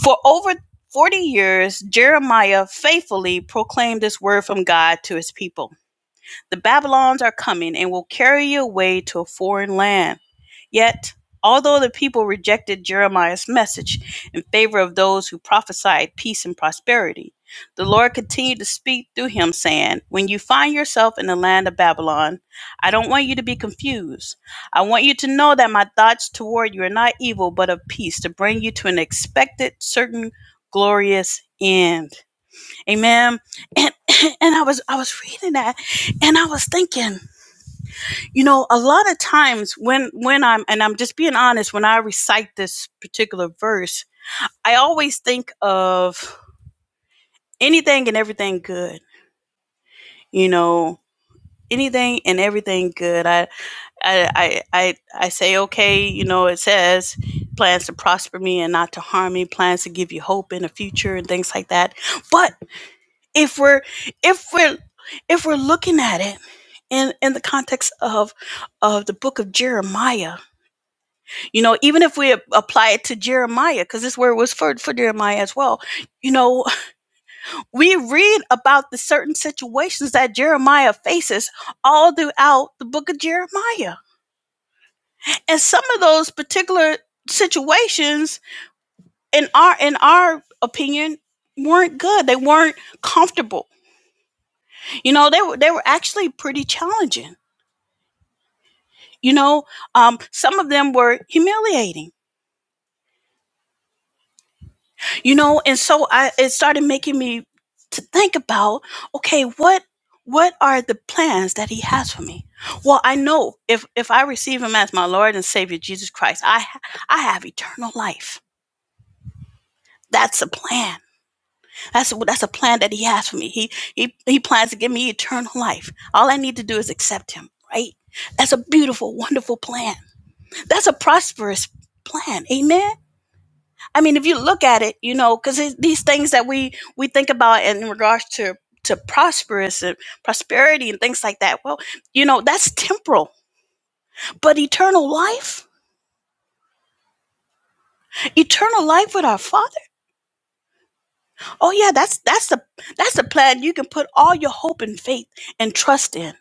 A: For over 40 years, Jeremiah faithfully proclaimed this word from God to his people The Babylons are coming and will carry you away to a foreign land. Yet, although the people rejected Jeremiah's message in favor of those who prophesied peace and prosperity, the Lord continued to speak through him, saying, When you find yourself in the land of Babylon, I don't want you to be confused. I want you to know that my thoughts toward you are not evil, but of peace, to bring you to an expected, certain, glorious end. Amen. And and I was I was reading that and I was thinking, you know a lot of times when when i'm and i'm just being honest when i recite this particular verse i always think of anything and everything good you know anything and everything good i i i i, I say okay you know it says plans to prosper me and not to harm me plans to give you hope in the future and things like that but if we're if we're if we're looking at it in in the context of of the book of jeremiah You know, even if we apply it to Jeremiah, because this word was for, for Jeremiah as well, you know, we read about the certain situations that Jeremiah faces all throughout the book of Jeremiah. And some of those particular situations in our in our opinion weren't good. They weren't comfortable. You know, they were they were actually pretty challenging. You know, um, some of them were humiliating you know and so i it started making me to think about okay what what are the plans that he has for me well i know if if i receive him as my lord and savior jesus christ i ha- i have eternal life that's a plan that's a, that's a plan that he has for me he he he plans to give me eternal life all i need to do is accept him right that's a beautiful wonderful plan that's a prosperous plan amen I mean, if you look at it, you know, because these things that we we think about in regards to to prosperous and prosperity and things like that, well, you know, that's temporal, but eternal life, eternal life with our Father. Oh yeah, that's that's the that's the plan you can put all your hope and faith and trust in.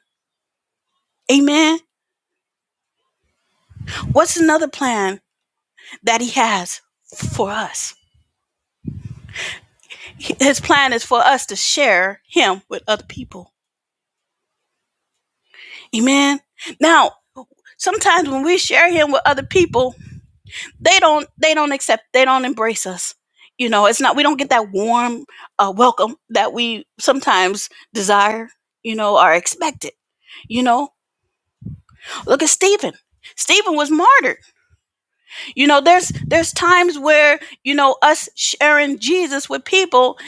A: Amen. What's another plan that He has for us? His plan is for us to share Him with other people. Amen. Now, sometimes when we share Him with other people they don't they don't accept they don't embrace us you know it's not we don't get that warm uh, welcome that we sometimes desire you know are expected you know look at stephen stephen was martyred you know there's there's times where you know us sharing jesus with people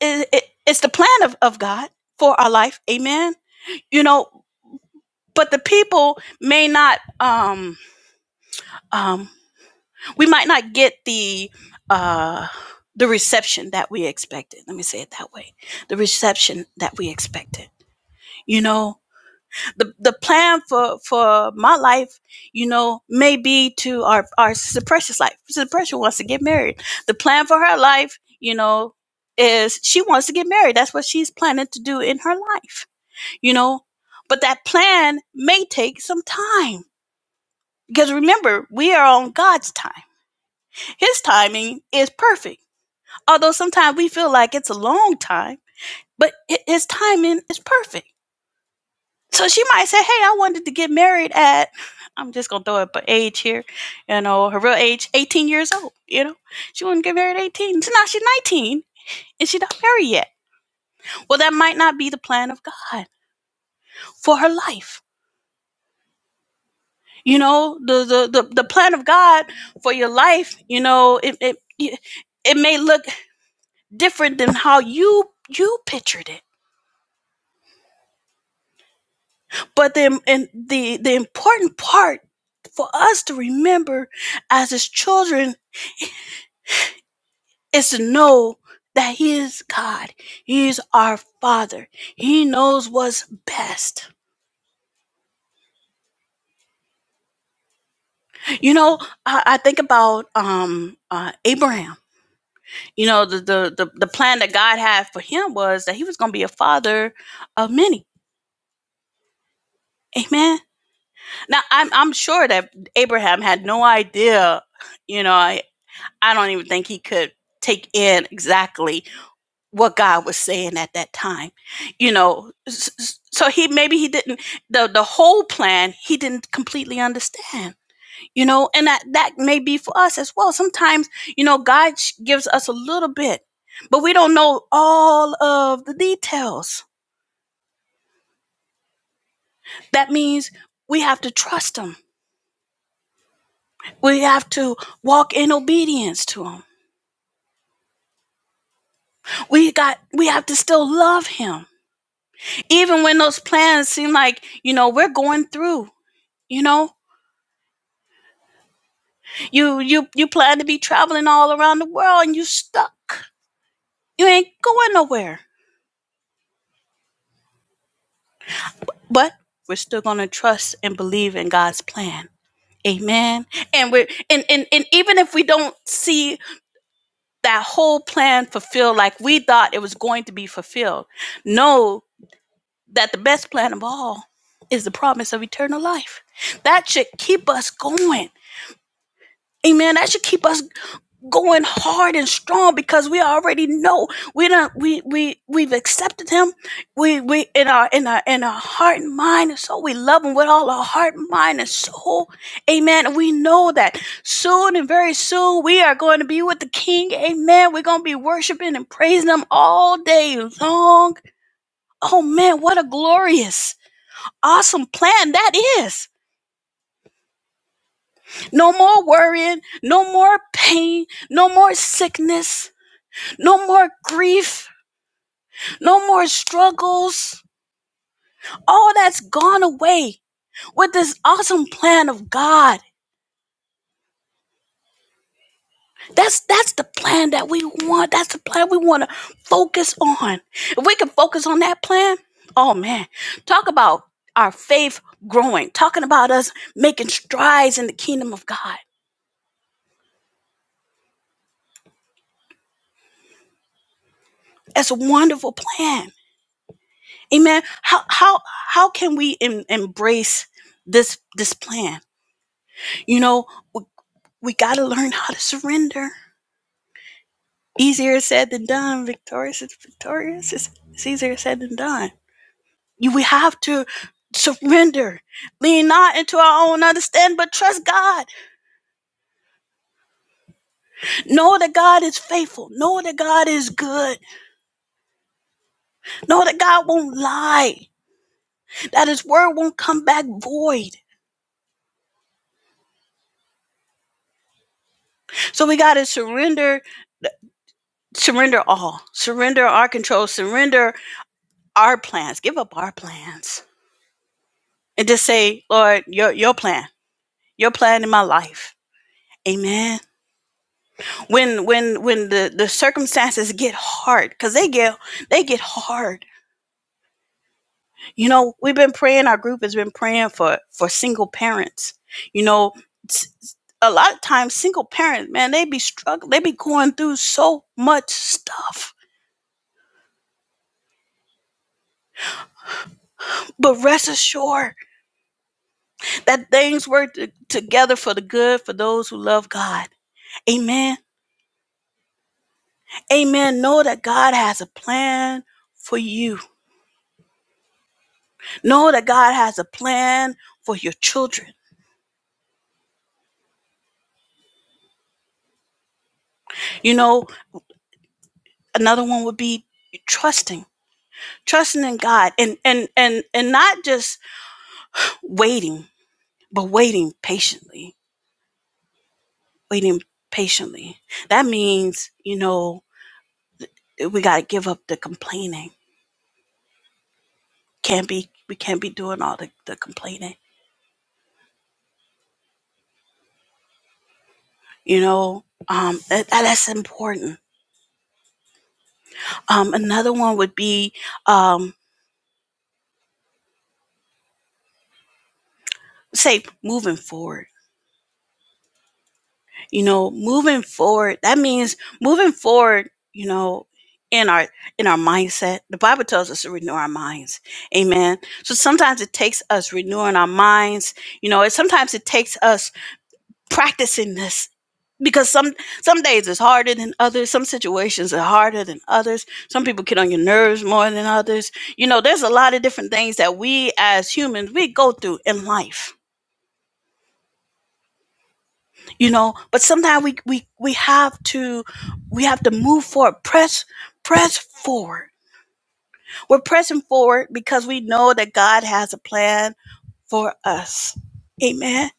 A: it, it, it's the plan of, of god for our life amen you know but the people may not um um we might not get the uh the reception that we expected let me say it that way the reception that we expected you know the the plan for for my life you know may be to our our sister precious life sister precious wants to get married the plan for her life you know is she wants to get married that's what she's planning to do in her life you know but that plan may take some time because remember we are on god's time his timing is perfect although sometimes we feel like it's a long time, but i- his timing is perfect. So she might say, "Hey, I wanted to get married at," I'm just gonna throw up an age here, you know, her real age, 18 years old. You know, she wanted to get married at 18. So now she's 19 and she's not married yet. Well, that might not be the plan of God for her life. You know, the the the, the plan of God for your life. You know, it it it may look different than how you you pictured it But the and the the important part for us to remember as his children is to know that he is God. He is our father. He knows what's best. You know, I, I think about um uh Abraham. You know, the, the the the plan that God had for him was that he was gonna be a father of many. Amen. Now I'm I'm sure that Abraham had no idea, you know, I, I don't even think he could take in exactly what God was saying at that time. You know, s- so he maybe he didn't the the whole plan he didn't completely understand. You know, and that that may be for us as well. Sometimes you know God sh- gives us a little bit, but we don't know all of the details. That means we have to trust Him. We have to walk in obedience to Him. We got we have to still love Him, even when those plans seem like you know we're going through. You know. You you you plan to be traveling all around the world and you stuck. You ain't going nowhere. But we're still gonna trust and believe in God's plan. Amen. And we're and, and, and even if we don't see that whole plan fulfilled like we thought it was going to be fulfilled, know that the best plan of all is the promise of eternal life. That should keep us going. Amen. That should keep us going hard and strong because we already know we don't we we we've accepted him we we in our in our in our heart and mind and soul we love him with all our heart mind and soul amen and we know that soon and very soon we are going to be with the king amen we're going to be worshiping and praising him all day long oh man what a glorious awesome plan that is no more worrying no more pain no more sickness no more grief no more struggles. All that's gone away with this awesome plan of God. That's that's the plan that we want. That's the plan we want to focus on. If we can focus on that plan, oh man, talk about our faith growing. Talking about us making strides in the kingdom of God. That's a wonderful plan. Amen. How how how can we em- embrace this this plan? You know, we, we got to learn how to surrender Easier said than done. Victorious is victorious. It's, it's easier said than done. You, we have to surrender. Lean not into our own understanding, but trust God. Know that God is faithful. Know that God is good. Know that God won't lie. That his word won't come back void. So we gotta surrender, surrender all. Surrender our control. Surrender our plans. Give up our plans. And just say, Lord, your your plan. Your plan in my life. Amen. when when when the the circumstances get hard because they get they get hard you know we've been praying our group has been praying for for single parents you know s- s- a lot of times single parents man they be struggling they be going through so much stuff but rest assured that things work t- together for the good for those who love god amen amen know that god has a plan for you know that god has a plan for your children you know another one would be trusting trusting in god and and and and not just waiting but waiting patiently waiting patiently that means you know we got to give up the complaining can't be we can't be doing all the, the complaining you know um that, that's important um another one would be um say moving forward you know moving forward that means moving forward you know in our in our mindset the bible tells us to renew our minds amen so sometimes it takes us renewing our minds you know it sometimes it takes us practicing this because some some days it's harder than others some situations are harder than others some people get on your nerves more than others you know there's a lot of different things that we as humans we go through in life you know but sometimes we we we have to we have to move forward press press forward we're pressing forward because we know that god has a plan for us amen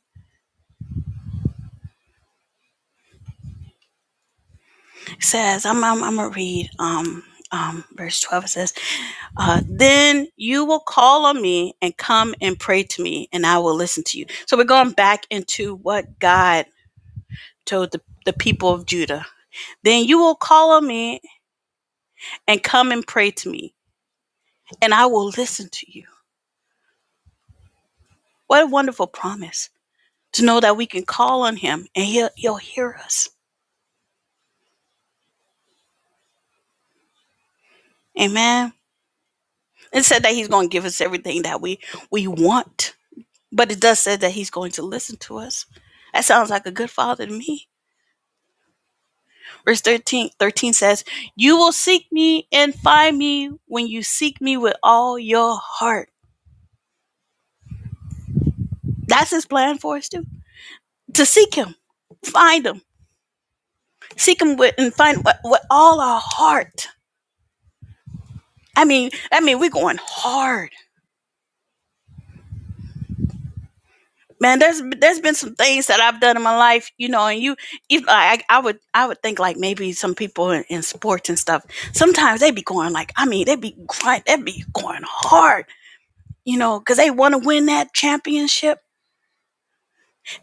A: it says i'm i'm, I'm gonna read um um, verse 12 it says, uh, Then you will call on me and come and pray to me, and I will listen to you. So we're going back into what God told the, the people of Judah. Then you will call on me and come and pray to me, and I will listen to you. What a wonderful promise to know that we can call on him and he'll, he'll hear us. Amen. It said that he's going to give us everything that we, we want, but it does say that he's going to listen to us. That sounds like a good father to me. Verse 13 13 says, You will seek me and find me when you seek me with all your heart. That's his plan for us too. To seek him, find him, seek him with, and find with, with all our heart. I mean, I mean, we're going hard man there's there's been some things that i've done in my life you know and you if i i would i would think like maybe some people in, in sports and stuff sometimes they be going like i mean they be grind they be going hard you know because they want to win that championship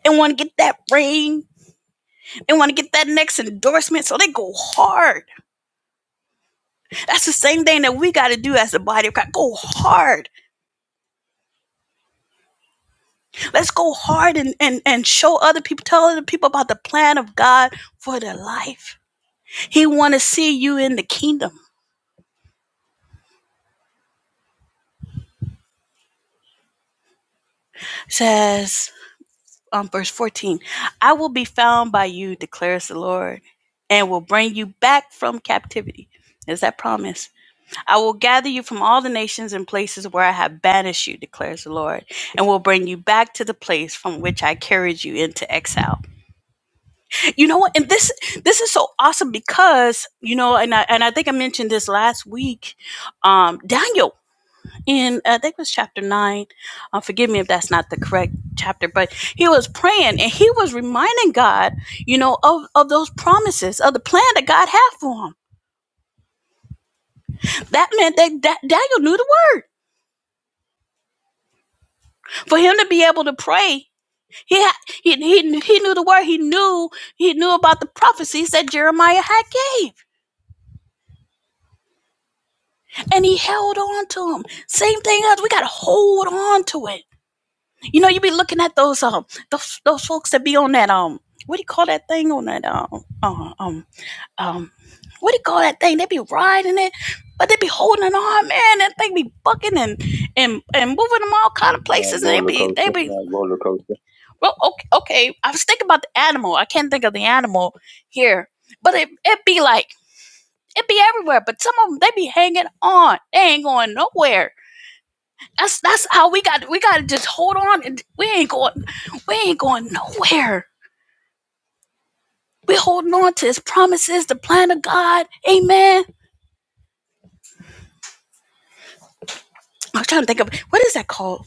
A: they want to get that ring they want to get that next endorsement so they go hard that's the same thing that we got to do as the body of god go hard let's go hard and and and show other people tell other people about the plan of god for their life He want to see you in the kingdom. It Says um, verse 14, I will be found by you, declares the Lord, and will bring you back from captivity. Is that promise? I will gather you from all the nations and places where I have banished you, declares the Lord, and will bring you back to the place from which I carried you into exile. You know what? And this this is so awesome because, you know, and I and I think I mentioned this last week. Um, Daniel in I think it was chapter nine. Uh, forgive me if that's not the correct chapter, but he was praying and he was reminding God, you know, of of those promises, of the plan that God had for him. That meant that, that Daniel knew the word for him to be able to pray. He, had, he he he knew the word. He knew he knew about the prophecies that Jeremiah had gave, and he held on to them. Same thing as we got to hold on to it You know, you be looking at those um those those folks that be on that um what do you call that thing on that um um um, um what do you call that thing? They be riding it, but they be holding it on, man. That thing be bucking and and and moving them all kind of places, and they
B: Well, look.
A: be they be Right. well okay okay. I was thinking about the animal. I can't think of the animal here, but it it be like it be everywhere. But some of them they be hanging on. They ain't going nowhere that's that's how we got we gotta just hold on and we ain't going we ain't going nowhere. We're holding on to his promises, the plan of God. Amen. I was trying to think of what is that called?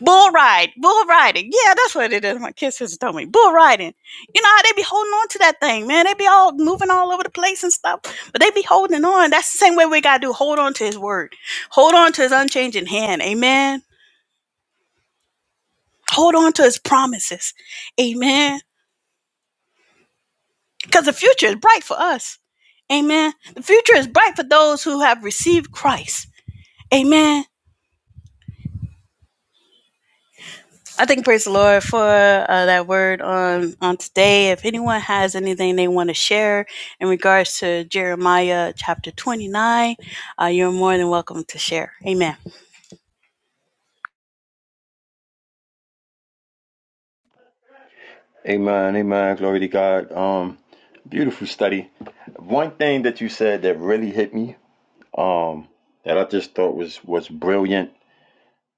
A: Bull ride. Bull riding. Yeah, that's what it is. My kid sister told me. Bull riding. You know how they be holding on to that thing, man. They be all moving all over the place and stuff. But they be holding on. That's the same way we gotta do. Hold on to his word. Hold on to his unchanging hand. Amen. Hold on to his promises. Amen. Because the future is bright for us. Amen. The future is bright for those who have received Christ. Amen. I think praise the Lord for uh, that word on on today. If anyone has anything they want to share in regards to Jeremiah chapter twenty nine, uh, you're more than welcome to share. Amen.
B: Amen, amen. Glory to God. Um, beautiful study. One thing that you said that really hit me, um, that I just thought was was brilliant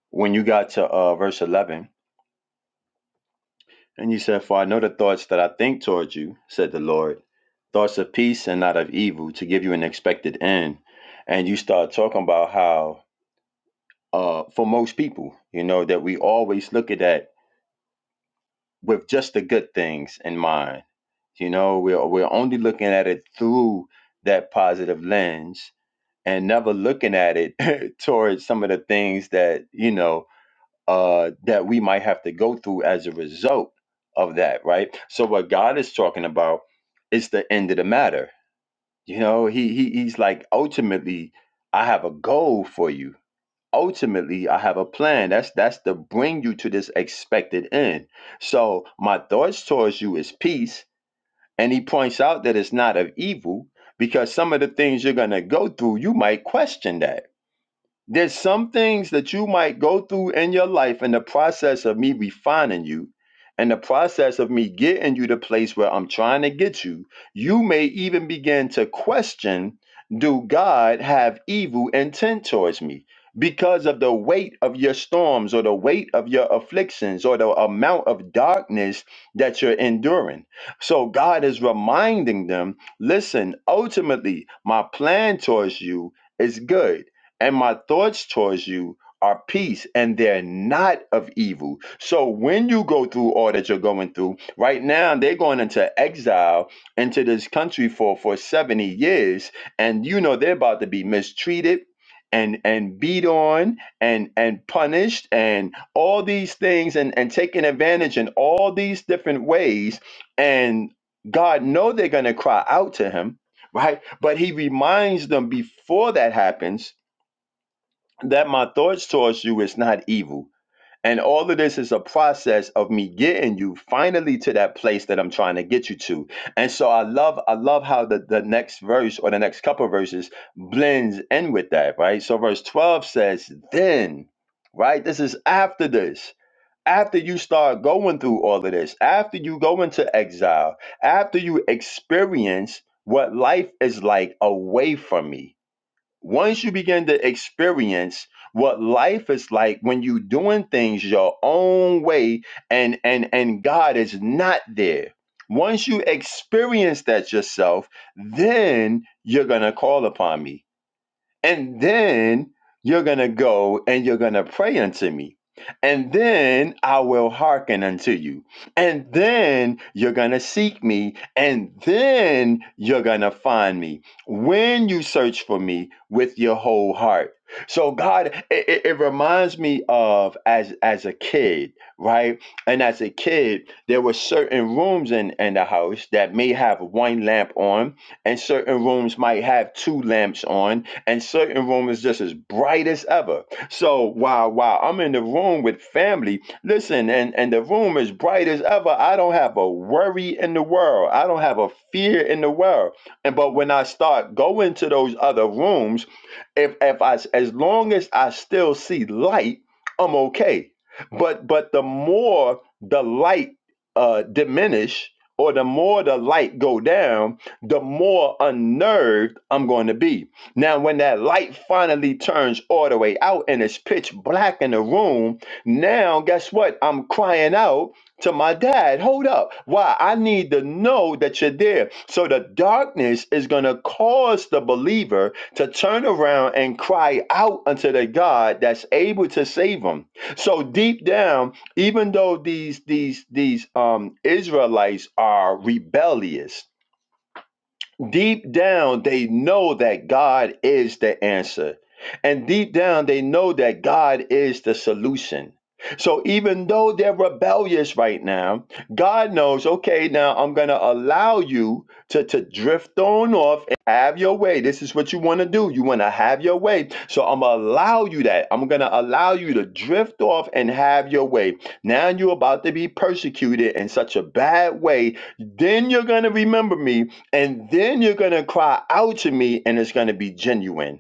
B: when you got to uh verse eleven, and you said, "For I know the thoughts that I think towards you," said the Lord, "thoughts of peace and not of evil, to give you an expected end." And you start talking about how, uh, for most people, you know, that we always look at that with just the good things in mind You know, we're we're only looking at it through that positive lens and never looking at it towards some of the things that, you know, uh that we might have to go through as a result of that, right? So what God is talking about is the end of the matter. You know, he, he he's like ultimately I have a goal for you. Ultimately, I have a plan. That's that's to bring you to this expected end. So my thoughts towards you is peace and he points out that it's not of evil because some of the things you're going to go through, you might question that. There's some things that you might go through in your life in the process of me refining you and the process of me getting you to place where I'm trying to get you. You may even begin to question do God have evil intent towards me? Because of the weight of your storms or the weight of your afflictions or the amount of darkness that you're enduring. So God is reminding them listen, ultimately, my plan towards you is good and my thoughts towards you are peace and they're not of evil. So when you go through all that you're going through, right now they're going into exile into this country for for 70 years and you know they're about to be mistreated and and beat on and and punished and all these things and and taken advantage in all these different ways and God know they're going to cry out to him, right? But he reminds them before that happens that my thoughts towards you is not evil. And all of this is a process of me getting you finally to that place that I'm trying to get you to. And so I love I love how the, the next verse or the next couple of verses blends in with that, right? So verse 12 says, then, right? This is after this. After you start going through all of this, after you go into exile, after you experience what life is like away from me once you begin to experience what life is like when you doing things your own way and and and God is not there. Once you experience that yourself, then you're going to call upon me and then you're going to go and you're going to pray unto me. And then I will hearken unto you. And then you're going to seek me. And then you're going to find me when you search for me with your whole heart. So God, it, it it reminds me of as as a kid, right? And as a kid, there were certain rooms in, in the house that may have one lamp on, and certain rooms might have two lamps on, and certain room is just as bright as ever. So while while I'm in the room with family, listen, and and the room is bright as ever. I don't have a worry in the world. I don't have a fear in the world. And but when I start going to those other rooms, if if I as long as I still see light, I'm okay. But but the more the light uh diminish or the more the light go down, the more unnerved I'm going to be now, when that light finally turns all the way out and it's pitch black in the room, now guess what? I'm crying out to my dad, hold up. Why? I need to know that you're there. So the darkness is going to cause the believer to turn around and cry out unto the God that's able to save them. So deep down, even though these these these um Israelites are rebellious, Deep down, they know that God is the answer. And deep down, they know that God is the solution. So even though they're rebellious right now, God knows, okay, now I'm going to allow you to, to drift on off and have your way. This is what you want to do. You want to have your way. So I'm going to allow you that. I'm going to allow you to drift off and have your way. Now you're about to be persecuted in such a bad way. Then you're going to remember me and then you're going to cry out to me and it's going to be genuine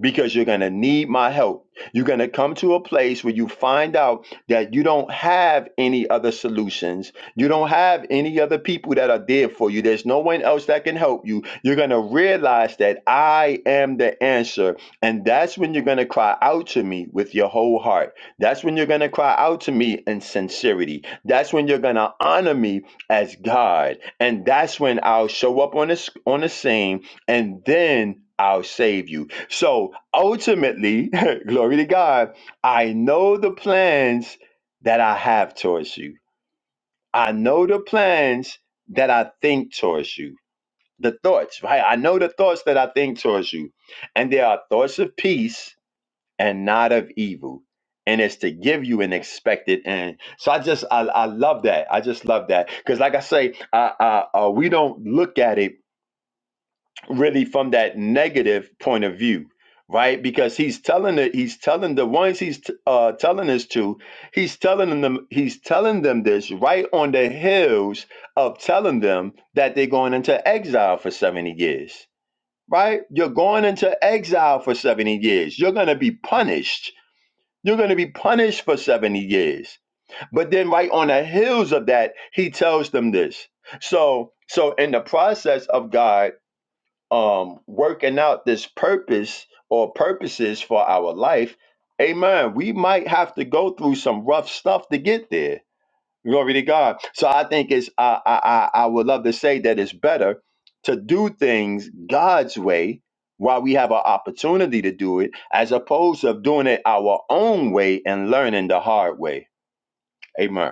B: because you're going to need my help. You're going to come to a place where you find out that you don't have any other solutions. You don't have any other people that are there for you. There's no one else that can help you. You're going to realize that I am the answer. And that's when you're going to cry out to me with your whole heart. That's when you're going to cry out to me in sincerity. That's when you're going to honor me as God. And that's when I'll show up on the, on the scene and then I'll save you so ultimately, glory to God, I know the plans that I have towards you. I know the plans that I think towards you. The thoughts, right? I know the thoughts that I think towards you. And they are thoughts of peace and not of evil. And it's to give you an expected end. So I just, I, I love that. I just love that. Because, like I say, uh, uh, uh, we don't look at it really from that negative point of view right because he's telling it he's telling the ones he's t- uh telling this to he's telling them he's telling them this right on the heels of telling them that they're going into exile for 70 years right you're going into exile for 70 years you're going to be punished you're going to be punished for 70 years but then right on the heels of that he tells them this so so in the process of god um working out this purpose or purposes for our life amen we might have to go through some rough stuff to get there glory to god so i think it's i i i I would love to say that it's better to do things god's way while we have an opportunity to do it as opposed to doing it our own way and learning the hard way amen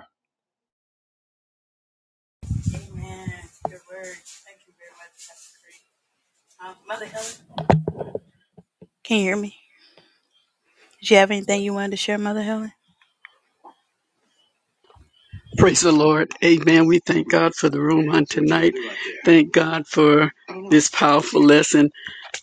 A: Amen. Good word. Thank you very much, Pastor Creek. Um, Mother Helen, can you hear me? Did you have anything you wanted to share, Mother Helen?
D: Praise the Lord. Amen. We thank God for the room on tonight. Thank God for this powerful lesson.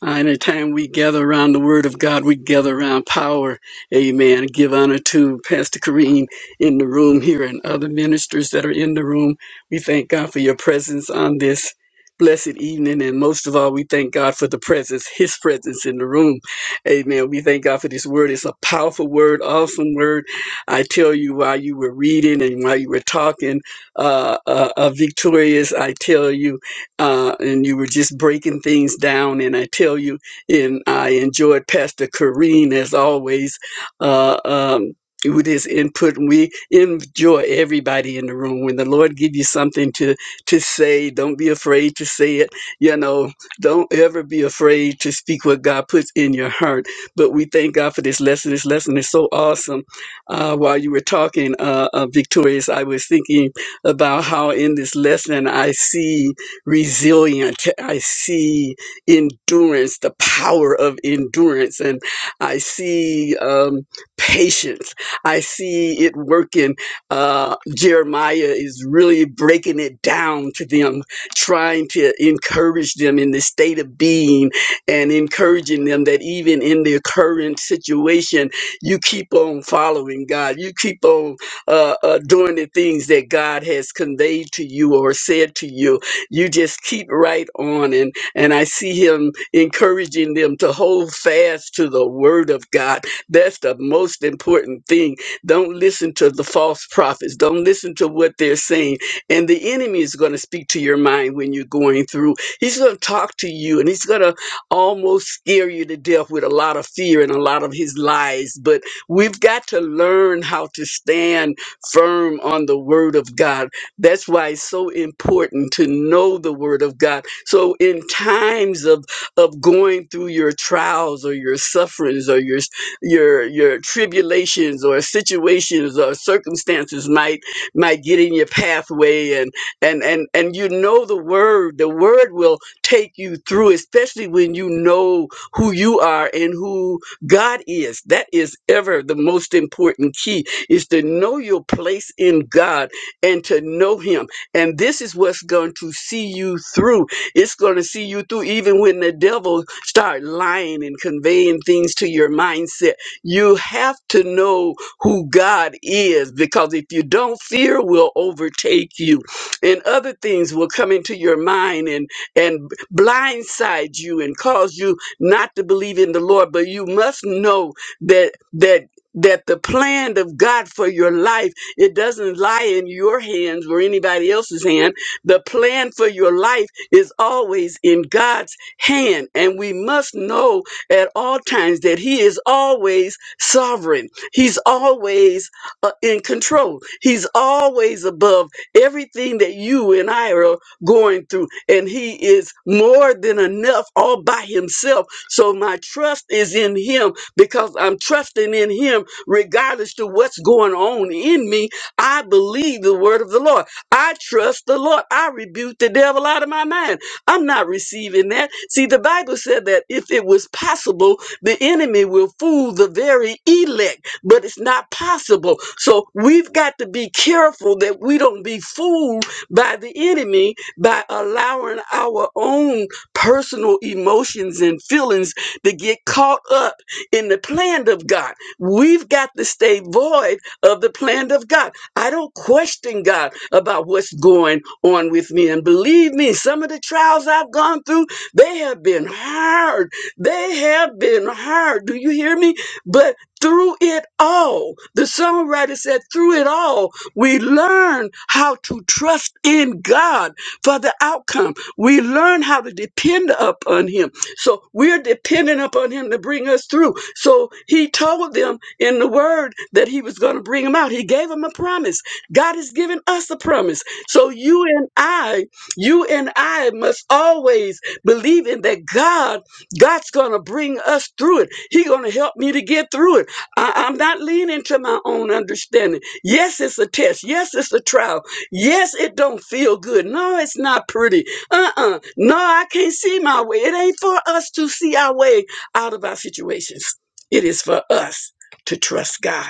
D: Uh, anytime we gather around the Word of God, we gather around power. Amen. Give honor to Pastor Kareem in the room here and other ministers that are in the room. We thank God for your presence on this blessed evening. And most of all, we thank God for the presence, His presence in the room. Amen. We thank God for this word. It's a powerful word, awesome word. I tell you, while you were reading and while you were talking, uh, uh, uh, victorious, I tell you uh, and you were just breaking things down. And I tell you, and I enjoyed Pastor Kareen as always uh, um, with his input. And we enjoy everybody in the room. When the Lord give you something to to say, don't be afraid to say it. You know, don't ever be afraid to speak what God puts in your heart. But we thank God for this lesson. This lesson is so awesome. Uh, while you were talking, uh, uh, Victorious, I was thinking about how in this lesson I see resilient. I see endurance, the power of endurance, and I see um, patience. I see it working. Uh, Jeremiah is really breaking it down to them, trying to encourage them in the state of being and encouraging them that even in their current situation, you keep on following God. You keep on uh, uh, doing the things that God has conveyed to you or said to you you just keep right on and and i see him encouraging them to hold fast to the word of god that's the most important thing don't listen to the false prophets don't listen to what they're saying and the enemy is going to speak to your mind when you're going through he's going to talk to you and he's going to almost scare you to death with a lot of fear and a lot of his lies but we've got to learn how to stand firm on the word of god that's why it's so important to know the word of God. So in times of of going through your trials or your sufferings or your your your tribulations or situations or circumstances might might get in your pathway and and and and you know the word, the word will take you through, especially when you know who you are and who God is. That is ever the most important key is to know your place in God and to know him. And this is what's going to see you through. It's going to see you through even when the devil start lying and conveying things to your mindset. You have to know who God is because if you don't, fear will overtake you and other things will come into your mind and and blindside you and cause you not to believe in the Lord. But you must know that that that the plan of God for your life it doesn't lie in your hands or anybody else's hand. The plan for your life is always in God's hand. And we must know at all times that He is always sovereign. He's always uh, in control. He's always above everything that you and I are going through. And He is more than enough all by Himself. So my trust is in Him because I'm trusting in Him regardless to what's going on in me, I believe the word of the Lord. I trust the Lord. I rebuke the devil out of my mind. I'm not receiving that. See, the Bible said that if it was possible, the enemy will fool the very elect, but it's not possible. So we've got to be careful that we don't be fooled by the enemy by allowing our own personal emotions and feelings to get caught up in the plan of God. We've got to stay void of the plan of God. I don't question God about what's going on with me. And believe me, some of the trials I've gone through, they have been hard. They have been hard. Do you hear me? But through it all, the songwriter said, through it all, we learn how to trust in God for the outcome. We learn how to depend upon Him. So we're dependent upon him to bring us through. So he told them in the word that he was going to bring them out. He gave them a promise. God has given us a promise. So you and I, you and I must always believe in that God, God's going to bring us through it. He's going to help me to get through it. I, I'm not leaning to my own understanding. Yes, it's a test. Yes, it's a trial. Yes, it don't feel good. No, it's not pretty. Uh-uh. No, I can't see my way. It ain't for us to see our way out of our situations. It is for us to trust God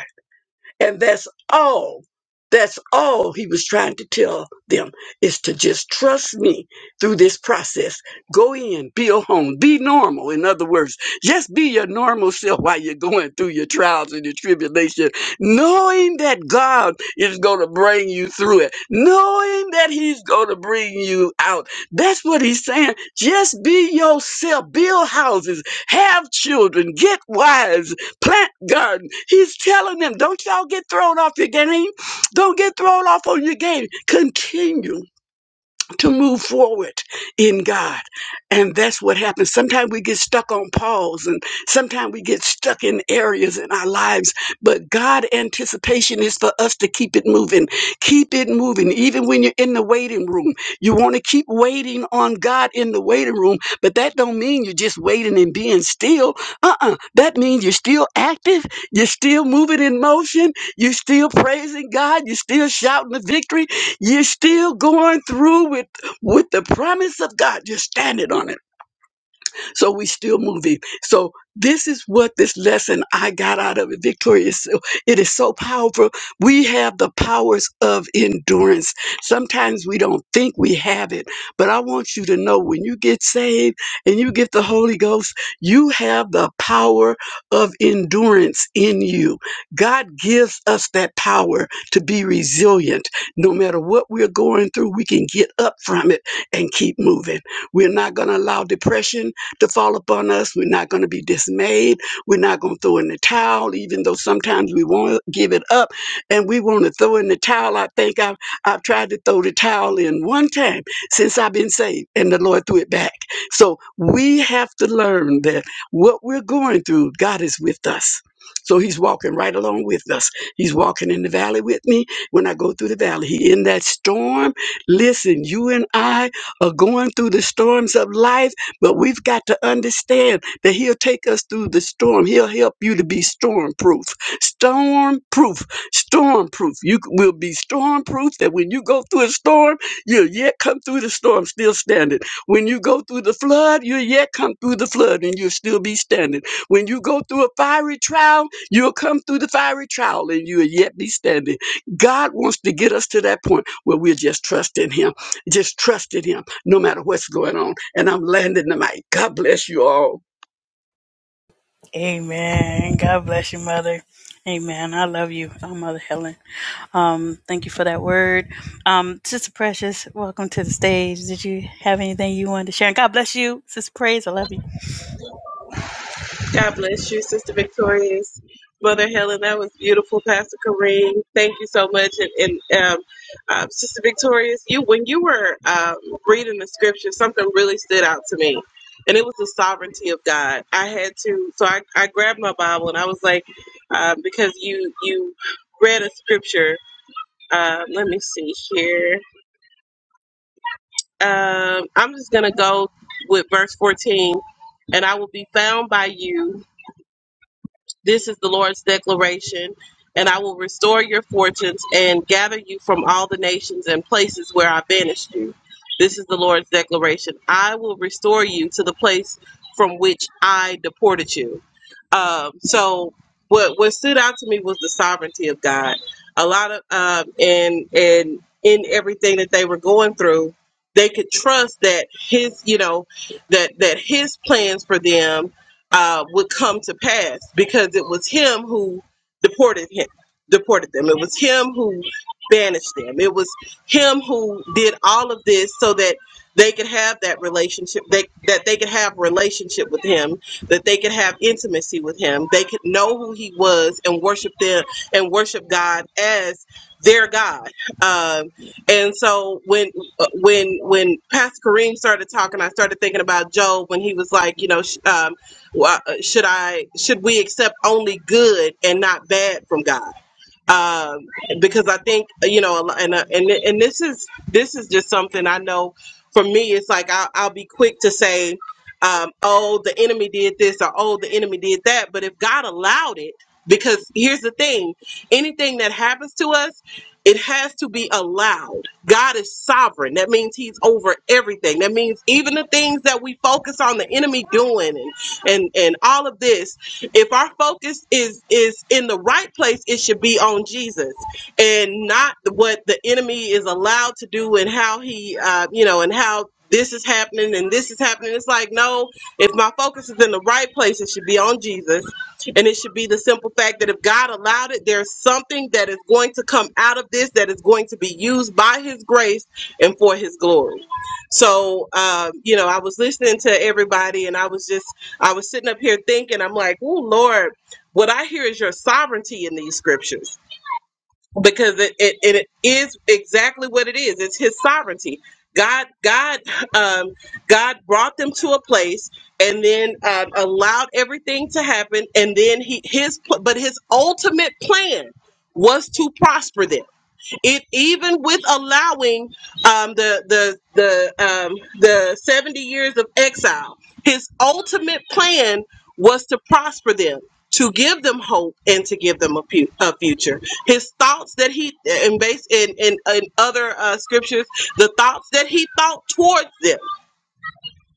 D: and that's all. That's all he was trying to tell them is to just trust me through this process. Go in, build a home, be normal. In other words, just be your normal self while you're going through your trials and your tribulation, knowing that God is going to bring you through it, knowing that He's going to bring you out. That's what He's saying. Just be yourself, build houses, have children, get wives plant garden. He's telling them, don't y'all get thrown off your game. Don't get thrown off on your game. Continue to move forward in God. And that's what happens. Sometimes we get stuck on pause and sometimes we get stuck in areas in our lives. But God anticipation is for us to keep it moving. Keep it moving. Even when you're in the waiting room, you want to keep waiting on God in the waiting room, but that don't mean you're just waiting and being still. Uh-uh. That means you're still active. You're still moving in motion. You're still praising God. You're still shouting the victory you're still going through with with the promise of God. just are standing on it. So we still moving. So this is what this lesson I got out of it, Victoria. is so- It is so powerful. We have the powers of endurance. Sometimes we don't think we have it, but I want you to know when you get saved and you get the Holy Ghost, you have the power of endurance in you. God gives us that power to be resilient. No matter what we're going through, we can get up from it and keep moving. We're not going to allow depression to fall upon us. We're not going to be dismayed. We're not going to throw in the towel, even though sometimes we want to give it up and we want to throw in the towel. I think I've, I've tried to throw the towel in one time since I've been saved, and the Lord threw it back. So we have to learn that what we're going through, God is with us. So he's walking right along with us. He's walking in the valley with me. When I go through the valley, he in that storm. Listen, you and I are going through the storms of life but we've got to understand that He'll take us through the storm. He'll help you to be storm proof. Storm proof. Storm proof. You c- will be storm proof that when you go through a storm, you'll yet come through the storm still standing. When you go through the flood, you'll yet come through the flood and you'll still be standing. When you go through a fiery trial, you'll come through the fiery trial and you'll yet be standing. God wants to get us to that point where we are just trusting Him. Just trusting Him no matter what's going on. And I'm landing the mic. God bless you all.
A: Amen. God bless you, Mother. Amen. I love you, oh, Mother Helen. Um, thank you for that word. Um, Sister Precious, welcome to the stage. Did you have anything you wanted to share? And God bless you, Sister Praise. I love you.
E: God bless you, Sister Victorious. Mother Helen, that was beautiful, Pastor Kareem. Thank you so much. And, and um, uh, Sister Victorious, you when you were um, reading the scripture, something really stood out to me, and it was the sovereignty of God. I had to, so I, I grabbed my Bible and I was like, uh, because you you read a scripture. Uh, let me see here. Um, I'm just gonna go with verse 14, and I will be found by you. This is the Lord's declaration. And I will restore your fortunes and gather you from all the nations and places where I banished you. This is the Lord's declaration. I will restore you to the place from which I deported you. Um, so, what what stood out to me was the sovereignty of God. A lot of um, and and in everything that they were going through, they could trust that His, you know, that that His plans for them uh, would come to pass because it was him who deported him, deported them. It was him who banished them. It was him who did all of this so that they could have that relationship they, that they could have relationship with him that they could have intimacy with him they could know who he was and worship them and worship god as their god um, and so when uh, when when pastor kareem started talking i started thinking about job when he was like you know sh- um, why- uh, Should I? Should we accept only good and not bad from God? um, because I think you know, a lo- and uh, and and this is this is just something I know. For me, it's like I'll, I'll be quick to say, um, "Oh, the enemy did this," or "Oh, the enemy did that." But if God allowed it, because here's the thing: anything that happens to us, it has to be allowed. God is sovereign. That means He's over everything. That means even the things that we focus on the enemy doing and and and all of this if our focus is is in the right place, it should be on Jesus and not what the enemy is allowed to do and how he, uh, you know, and how this is happening and this is happening. It's like no, if my focus is in the right place, it should be on Jesus, and it should be the simple fact that if God allowed it, there's something that is going to come out of this that is going to be used by His grace and for His glory. So, um, you know, I was listening to everybody, and I was just I was sitting up here thinking, I'm like, oh, Lord, what I hear is your sovereignty in these scriptures because it, it, it is exactly what it is. It's his sovereignty. God, God, um, God brought them to a place and then um, allowed everything to happen. And then he, his, pl- but his ultimate plan was to prosper them it even with allowing um, the the the um, the seventy years of exile, his ultimate plan was to prosper them, to give them hope, and to give them a, fu- a future. His thoughts that he and based in in, in other uh, scriptures, the thoughts that he thought towards them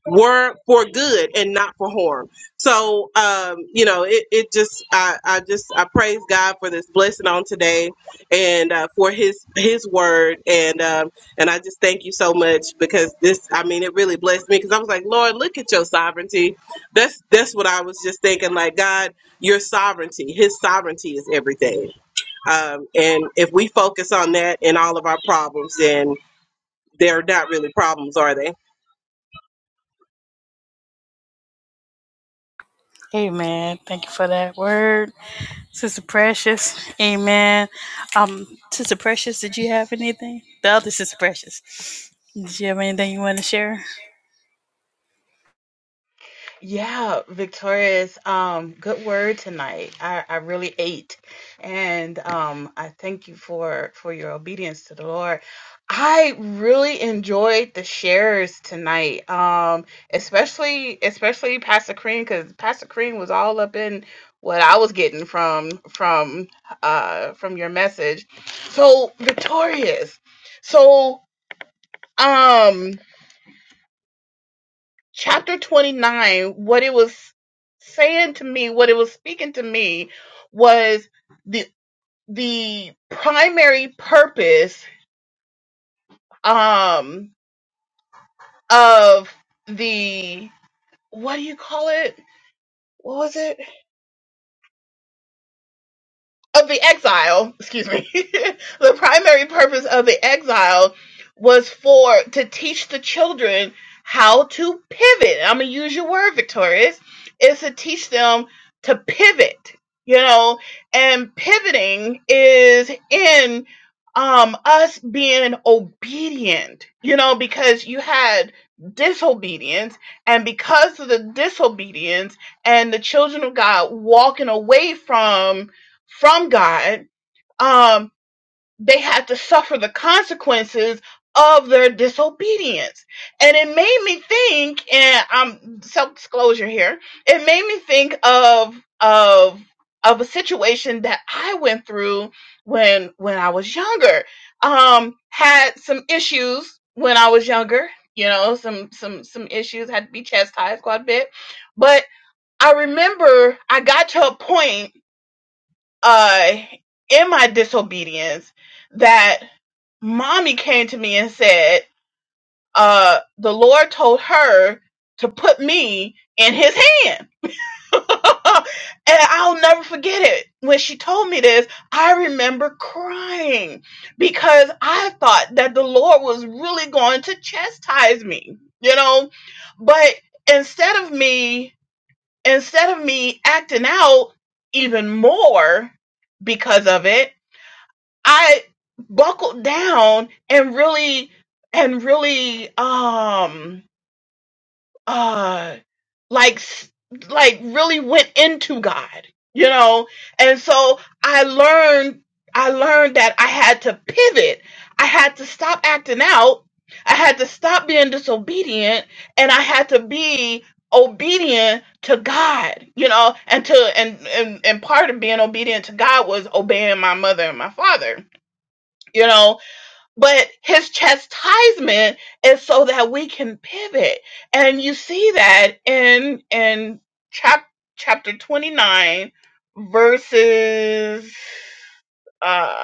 E: were for good and not for harm. So, um, you know, it, it just, I, I just, I praise God for this blessing on today and uh, for his, his word. And, um, and I just thank you so much because this, I mean, it really blessed me because I was like, Lord, look at your sovereignty. That's, that's what I was just thinking. Like, God, your sovereignty, his sovereignty is everything. Um, and if we focus on that in all of our problems, then they're not really problems, are they?
A: Amen. Thank you for that word, Sister Precious. Amen. Um, Sister Precious, did you have anything? The other Sister Precious. Did you have anything you want to share?
C: Yeah, Victorious. Um, good word tonight. I, I really ate, and um, I thank you for for your obedience to the Lord. I really enjoyed the shares tonight, um, especially especially Pastor Cream because Pastor Cream was all up in what I was getting from from uh from your message. So Victorious. So um chapter 29 what it was saying to me what it was speaking to me was the the primary purpose um of the what do you call it what was it of the exile, excuse me, the primary purpose of the exile was for to teach the children how to pivot. I'm gonna use your word, Victorious, is to teach them to pivot, you know, and pivoting is in um us being obedient, you know, because you had disobedience and because of the disobedience and the children of God walking away from from God, um, they had to suffer the consequences of their disobedience. And it made me think, and um, self disclosure here, it made me think of of of a situation that I went through when when I was younger. Um, had some issues when I was younger, you know, some some some issues had to be chastised quite a bit. But I remember I got to a point uh in my disobedience that mommy came to me and said uh the lord told her to put me in his hand and i'll never forget it when she told me this i remember crying because i thought that the lord was really going to chastise me you know but instead of me instead of me acting out even more because of it I buckled down and really and really um uh like s- like really went into God, you know? And so I learned I learned that I had to pivot. I had to stop acting out. I had to stop being disobedient and I had to be obedient to God, you know, and to and and, and part of being obedient to God was obeying my mother and my father, you know but his chastisement is so that we can pivot and you see that in in chap- chapter 29 verses uh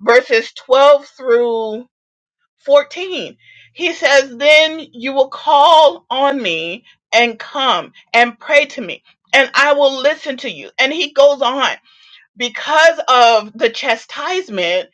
C: verses 12 through 14 he says then you will call on me and come and pray to me and i will listen to you and he goes on because of the chastisement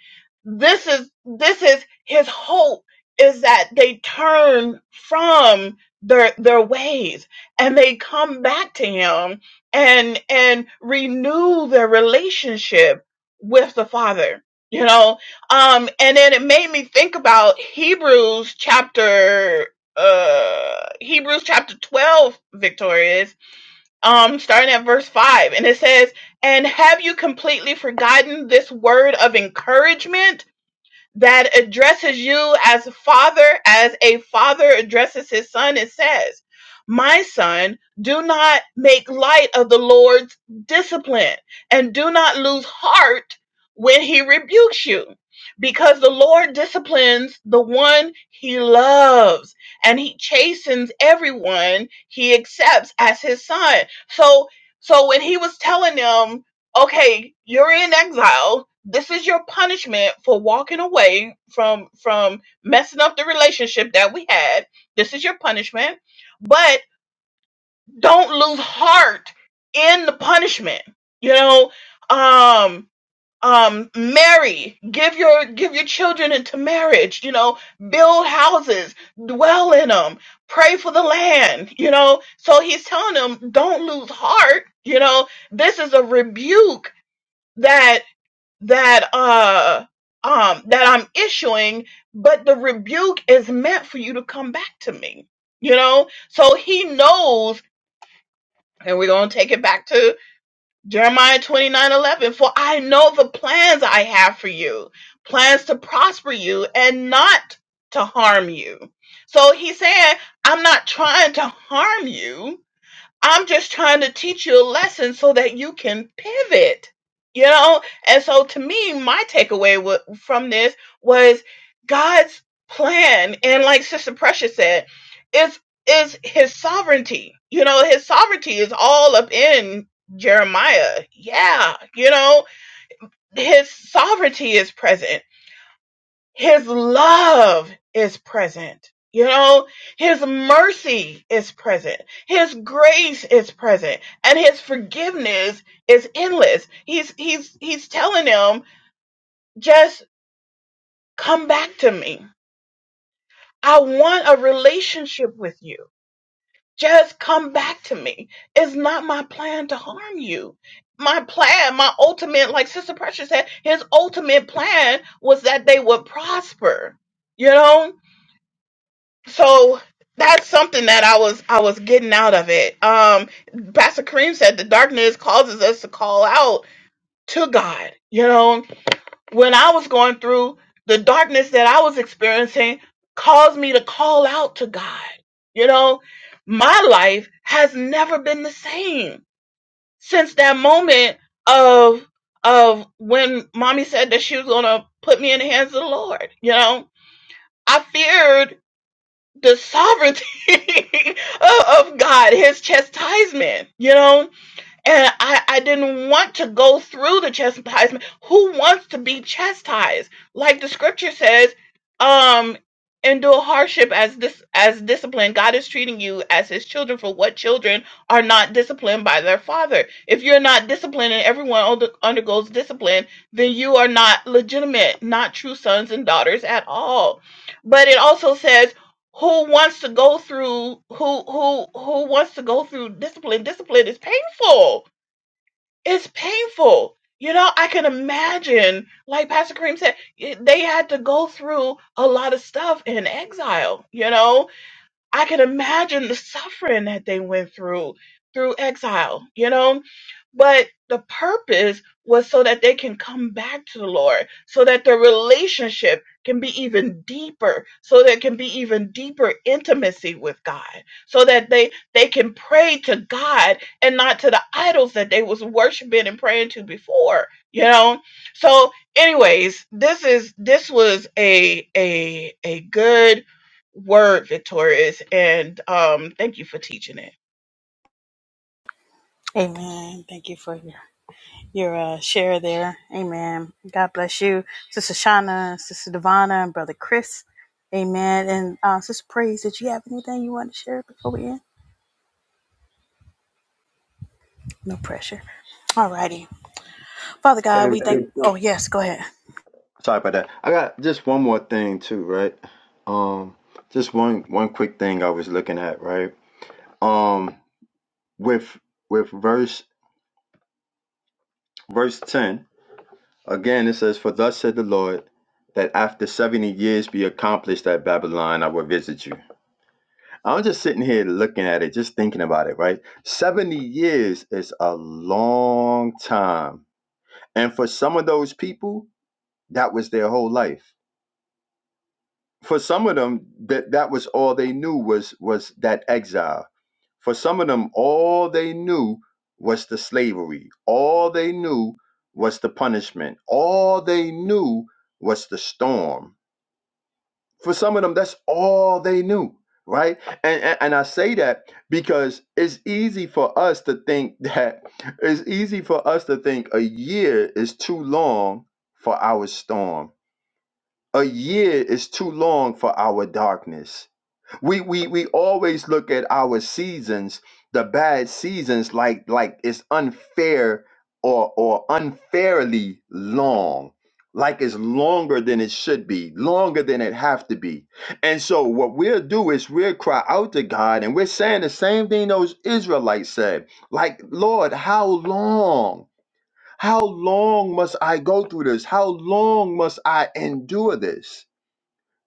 C: this is this is his hope is that they turn from their their ways and they come back to him and and renew their relationship with the father you know um and then it made me think about Hebrews chapter uh Hebrews chapter 12 Victorious um, starting at verse 5. And it says, And have you completely forgotten this word of encouragement? that addresses you as a father, as a father addresses his son and says, My son, do not make light of the Lord's discipline and do not lose heart when he rebukes you, because the Lord disciplines the one he loves and he chastens everyone he accepts as his son. So, so when he was telling them, okay you're in exile this is your punishment for walking away from from messing up the relationship that we had this is your punishment but don't lose heart in the punishment you know um um marry give your give your children into marriage you know build houses dwell in them pray for the land you know so he's telling them don't lose heart you know this is a rebuke that that uh um that I'm issuing, but the rebuke is meant for you to come back to me. You know? So he knows and we're going to take it back to Jeremiah 29 11. For I know the plans I have for you, plans to prosper you and not to harm you. So he's saying, I'm not trying to harm you. I'm just trying to teach you a lesson so that you can pivot, you know? And so to me, my takeaway wa- from this was God's plan. And like Sister Precious said, is is his sovereignty. You know, his sovereignty is all up in Jeremiah. Yeah, you know, his sovereignty is present. His love is present. You know, His mercy is present. His grace is present. And His forgiveness is endless. He's, he's, he's telling them, just come back to me. I want a relationship with you. Just come back to me. It's not my plan to harm you. My plan, my ultimate, like Sister Precious said, his ultimate plan was that they would prosper. You know, so that's something that I was I was getting out of it. Um Pastor Kareem said the darkness causes us to call out to God. You know, when I was going through the darkness that I was experiencing caused me to call out to God. You know, my life has never been the same since that moment of of when mommy said that she was gonna put me in the hands of the Lord. You know, I feared the sovereignty of, of God, his chastisement, you know? And I, I didn't want to go through the chastisement. Who wants to be chastised? Like the scripture says, um, endure hardship as this as discipline. God is treating you as his children for what children are not disciplined by their father. If you're not disciplined and everyone under, undergoes discipline, then you are not legitimate, not true sons and daughters at all. But it also says who wants to go through who who who wants to go through discipline? Discipline is painful. It's painful. You know, I can imagine, like Pastor Kareem said, it- they had to go through a lot of stuff in exile, you know? I can imagine the suffering that they went through through exile, you know? But the purpose was so that they can come back to the Lord, so that their relationship can be even deeper, so there can be even deeper intimacy with God, so that they they can pray to God and not to the idols that they was worshiping and praying to before, you know? So anyways, this is this was a a a good word, Victorious, and um, thank you for teaching it.
A: Amen. Thank you for your your uh, share there. Amen. God bless you, Sister Shauna, Sister Devana, and Brother Chris. Amen. And uh, Sister Praise, did you have anything you want to share before we end? No pressure. All righty, Father God, we Hey, thank. you go. Oh yes, go ahead.
B: Sorry about that. I got just one more thing too, right? Um, just one one quick thing I was looking at, right? Um, with with verse verse ten again, it says, "For thus said the Lord, that after seventy years be accomplished at Babylon, I will visit you." I'm just sitting here looking at it, just thinking about it, right? Seventy years is a long time, and for some of those people, that was their whole life for some of them that that was all they knew was was that exile for some of them all they knew was the slavery all they knew was the punishment all they knew was the storm for some of them that's all they knew right and and, and i say that because it's easy for us to think that it's easy for us to think a year is too long for our storm a year is too long for our darkness we we we always look at our seasons the bad seasons like like it's unfair or or unfairly long like it's longer than it should be longer than it have to be and so what we'll do is we'll cry out to god and we're saying the same thing those israelites said like lord how long how long must i go through this how long must i endure this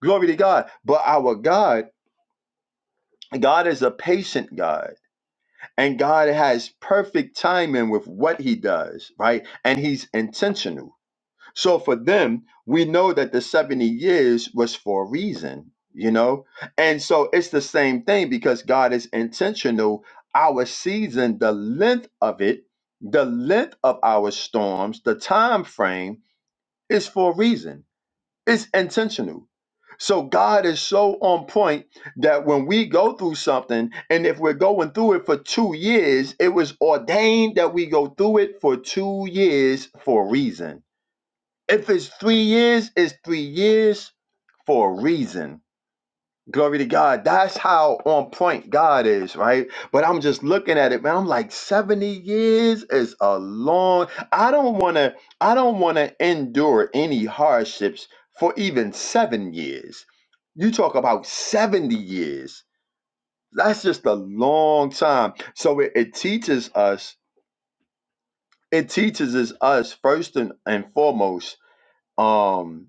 B: glory to god but our god God is a patient God, and God has perfect timing with what He does, right? And He's intentional. So for them, we know that the 70 years was for a reason, you know? And so it's the same thing because God is intentional. Our season, the length of it, the length of our storms, the time frame is for a reason. It's intentional. So God is so on point that when we go through something, and if we're going through it for two years, it was ordained that we go through it for two years for a reason. If it's three years, it's three years for a reason Glory to God. That's how on point God is, right? But I'm just looking at it, man. I'm like, 70 years is a long. I don't wanna, I don't wanna endure any hardships for even seven years. You talk about 70 years. That's just a long time. So it, it teaches us, it teaches us first and, and foremost. Um,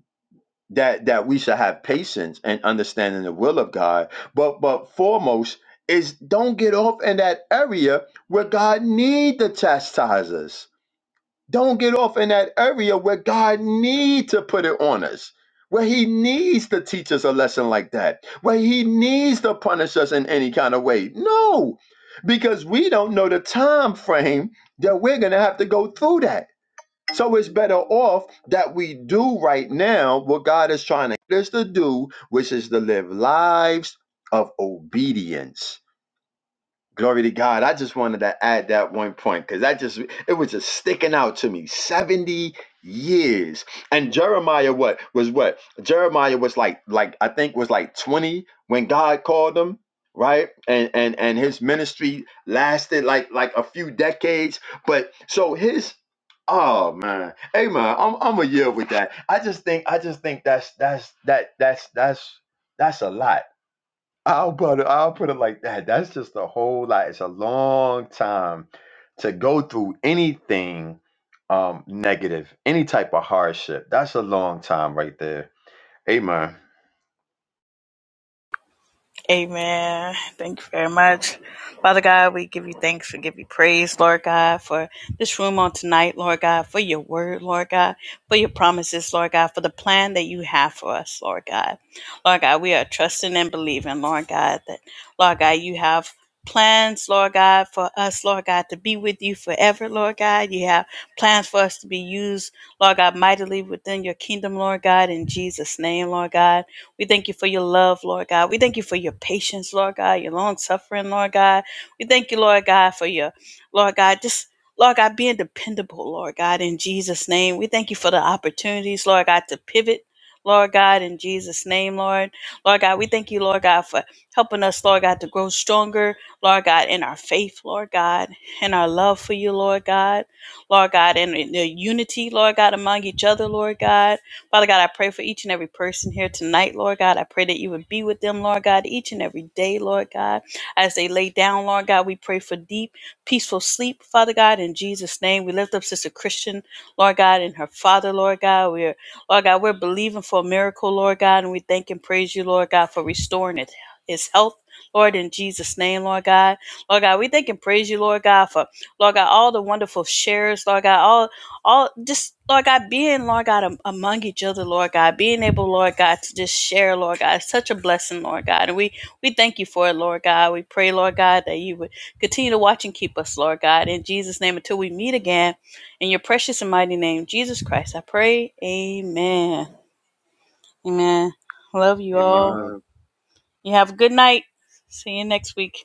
B: that that we should have patience and understanding the will of God. But but foremost is don't get off in that area where God need to chastise us. Don't get off in that area where God need to put it on us. Where he needs to teach us a lesson like that. Where he needs to punish us in any kind of way. No. Because we don't know the time frame that we're going to have to go through that so it's better off that we do right now what God is trying to get us to do, which is to live lives of obedience Glory to God. I just wanted to add that one point because that just, it was just sticking out to me. 70 years. And Jeremiah, what was what? Jeremiah was like, like, I think was like 20 when God called him. Right. And, and, and his ministry lasted like, like a few decades. But so his, oh man, hey man, I'm, I'm a year with that. I just think, I just think that's, that's, that, that's, that's, that's a lot I'll put it, I'll put it like that. That's just a whole lot. It's a long time to go through anything um negative, any type of hardship. That's a long time right there. Amen.
A: Amen. Thank you very much. Father God, we give you thanks. We give you praise, Lord God, for this room on tonight, Lord God, for your word, Lord God, for your promises, Lord God, for the plan that you have for us, Lord God. Lord God, we are trusting and believing, Lord God, that, Lord God, you have plans, Lord God, for us, Lord God, to be with you forever, Lord God. You have plans for us to be used, Lord God, mightily within your kingdom, Lord God, in Jesus' name, Lord God. We thank you for your love, Lord God. We thank you for your patience, Lord God, your long suffering, Lord God. We thank you, Lord God, for your, Lord God, just, Lord God, being dependable, Lord God, in Jesus' name. We thank you for the opportunities, Lord God, to pivot. Lord God, in Jesus' name, Lord. Lord God, we thank you, Lord God, for helping us, Lord God, to grow stronger, Lord God, in our faith, Lord God, in our love for you, Lord God, Lord God, and in the unity, Lord God, among each other, Lord God. Father God, I pray for each and every person here tonight, Lord God. I pray that you would be with them, Lord God, each and every day, Lord God. As they lay down, Lord God, we pray for deep, peaceful sleep, Father God, in Jesus' name. We lift up Sister Christian, Lord God, and her father, Lord God. We're, Lord God, we're believing for a miracle, Lord God, and we thank and praise you, Lord God, for restoring it, his health. Lord, in Jesus' name, Lord God. Lord God, we thank and praise you, Lord God, for Lord God, all the wonderful shares, Lord God, all all just Lord God being Lord God am- among each other, Lord God being able, Lord God, to just share, Lord God, is such a blessing, Lord God, and we we thank you for it, Lord God. We pray, Lord God, that you would continue to watch and keep us, Lord God, in Jesus' name until we meet again, in your precious and mighty name, Jesus Christ. I pray, Amen, Amen. Love you all.
B: Amen.
A: Amen. You have a good night. See you next week.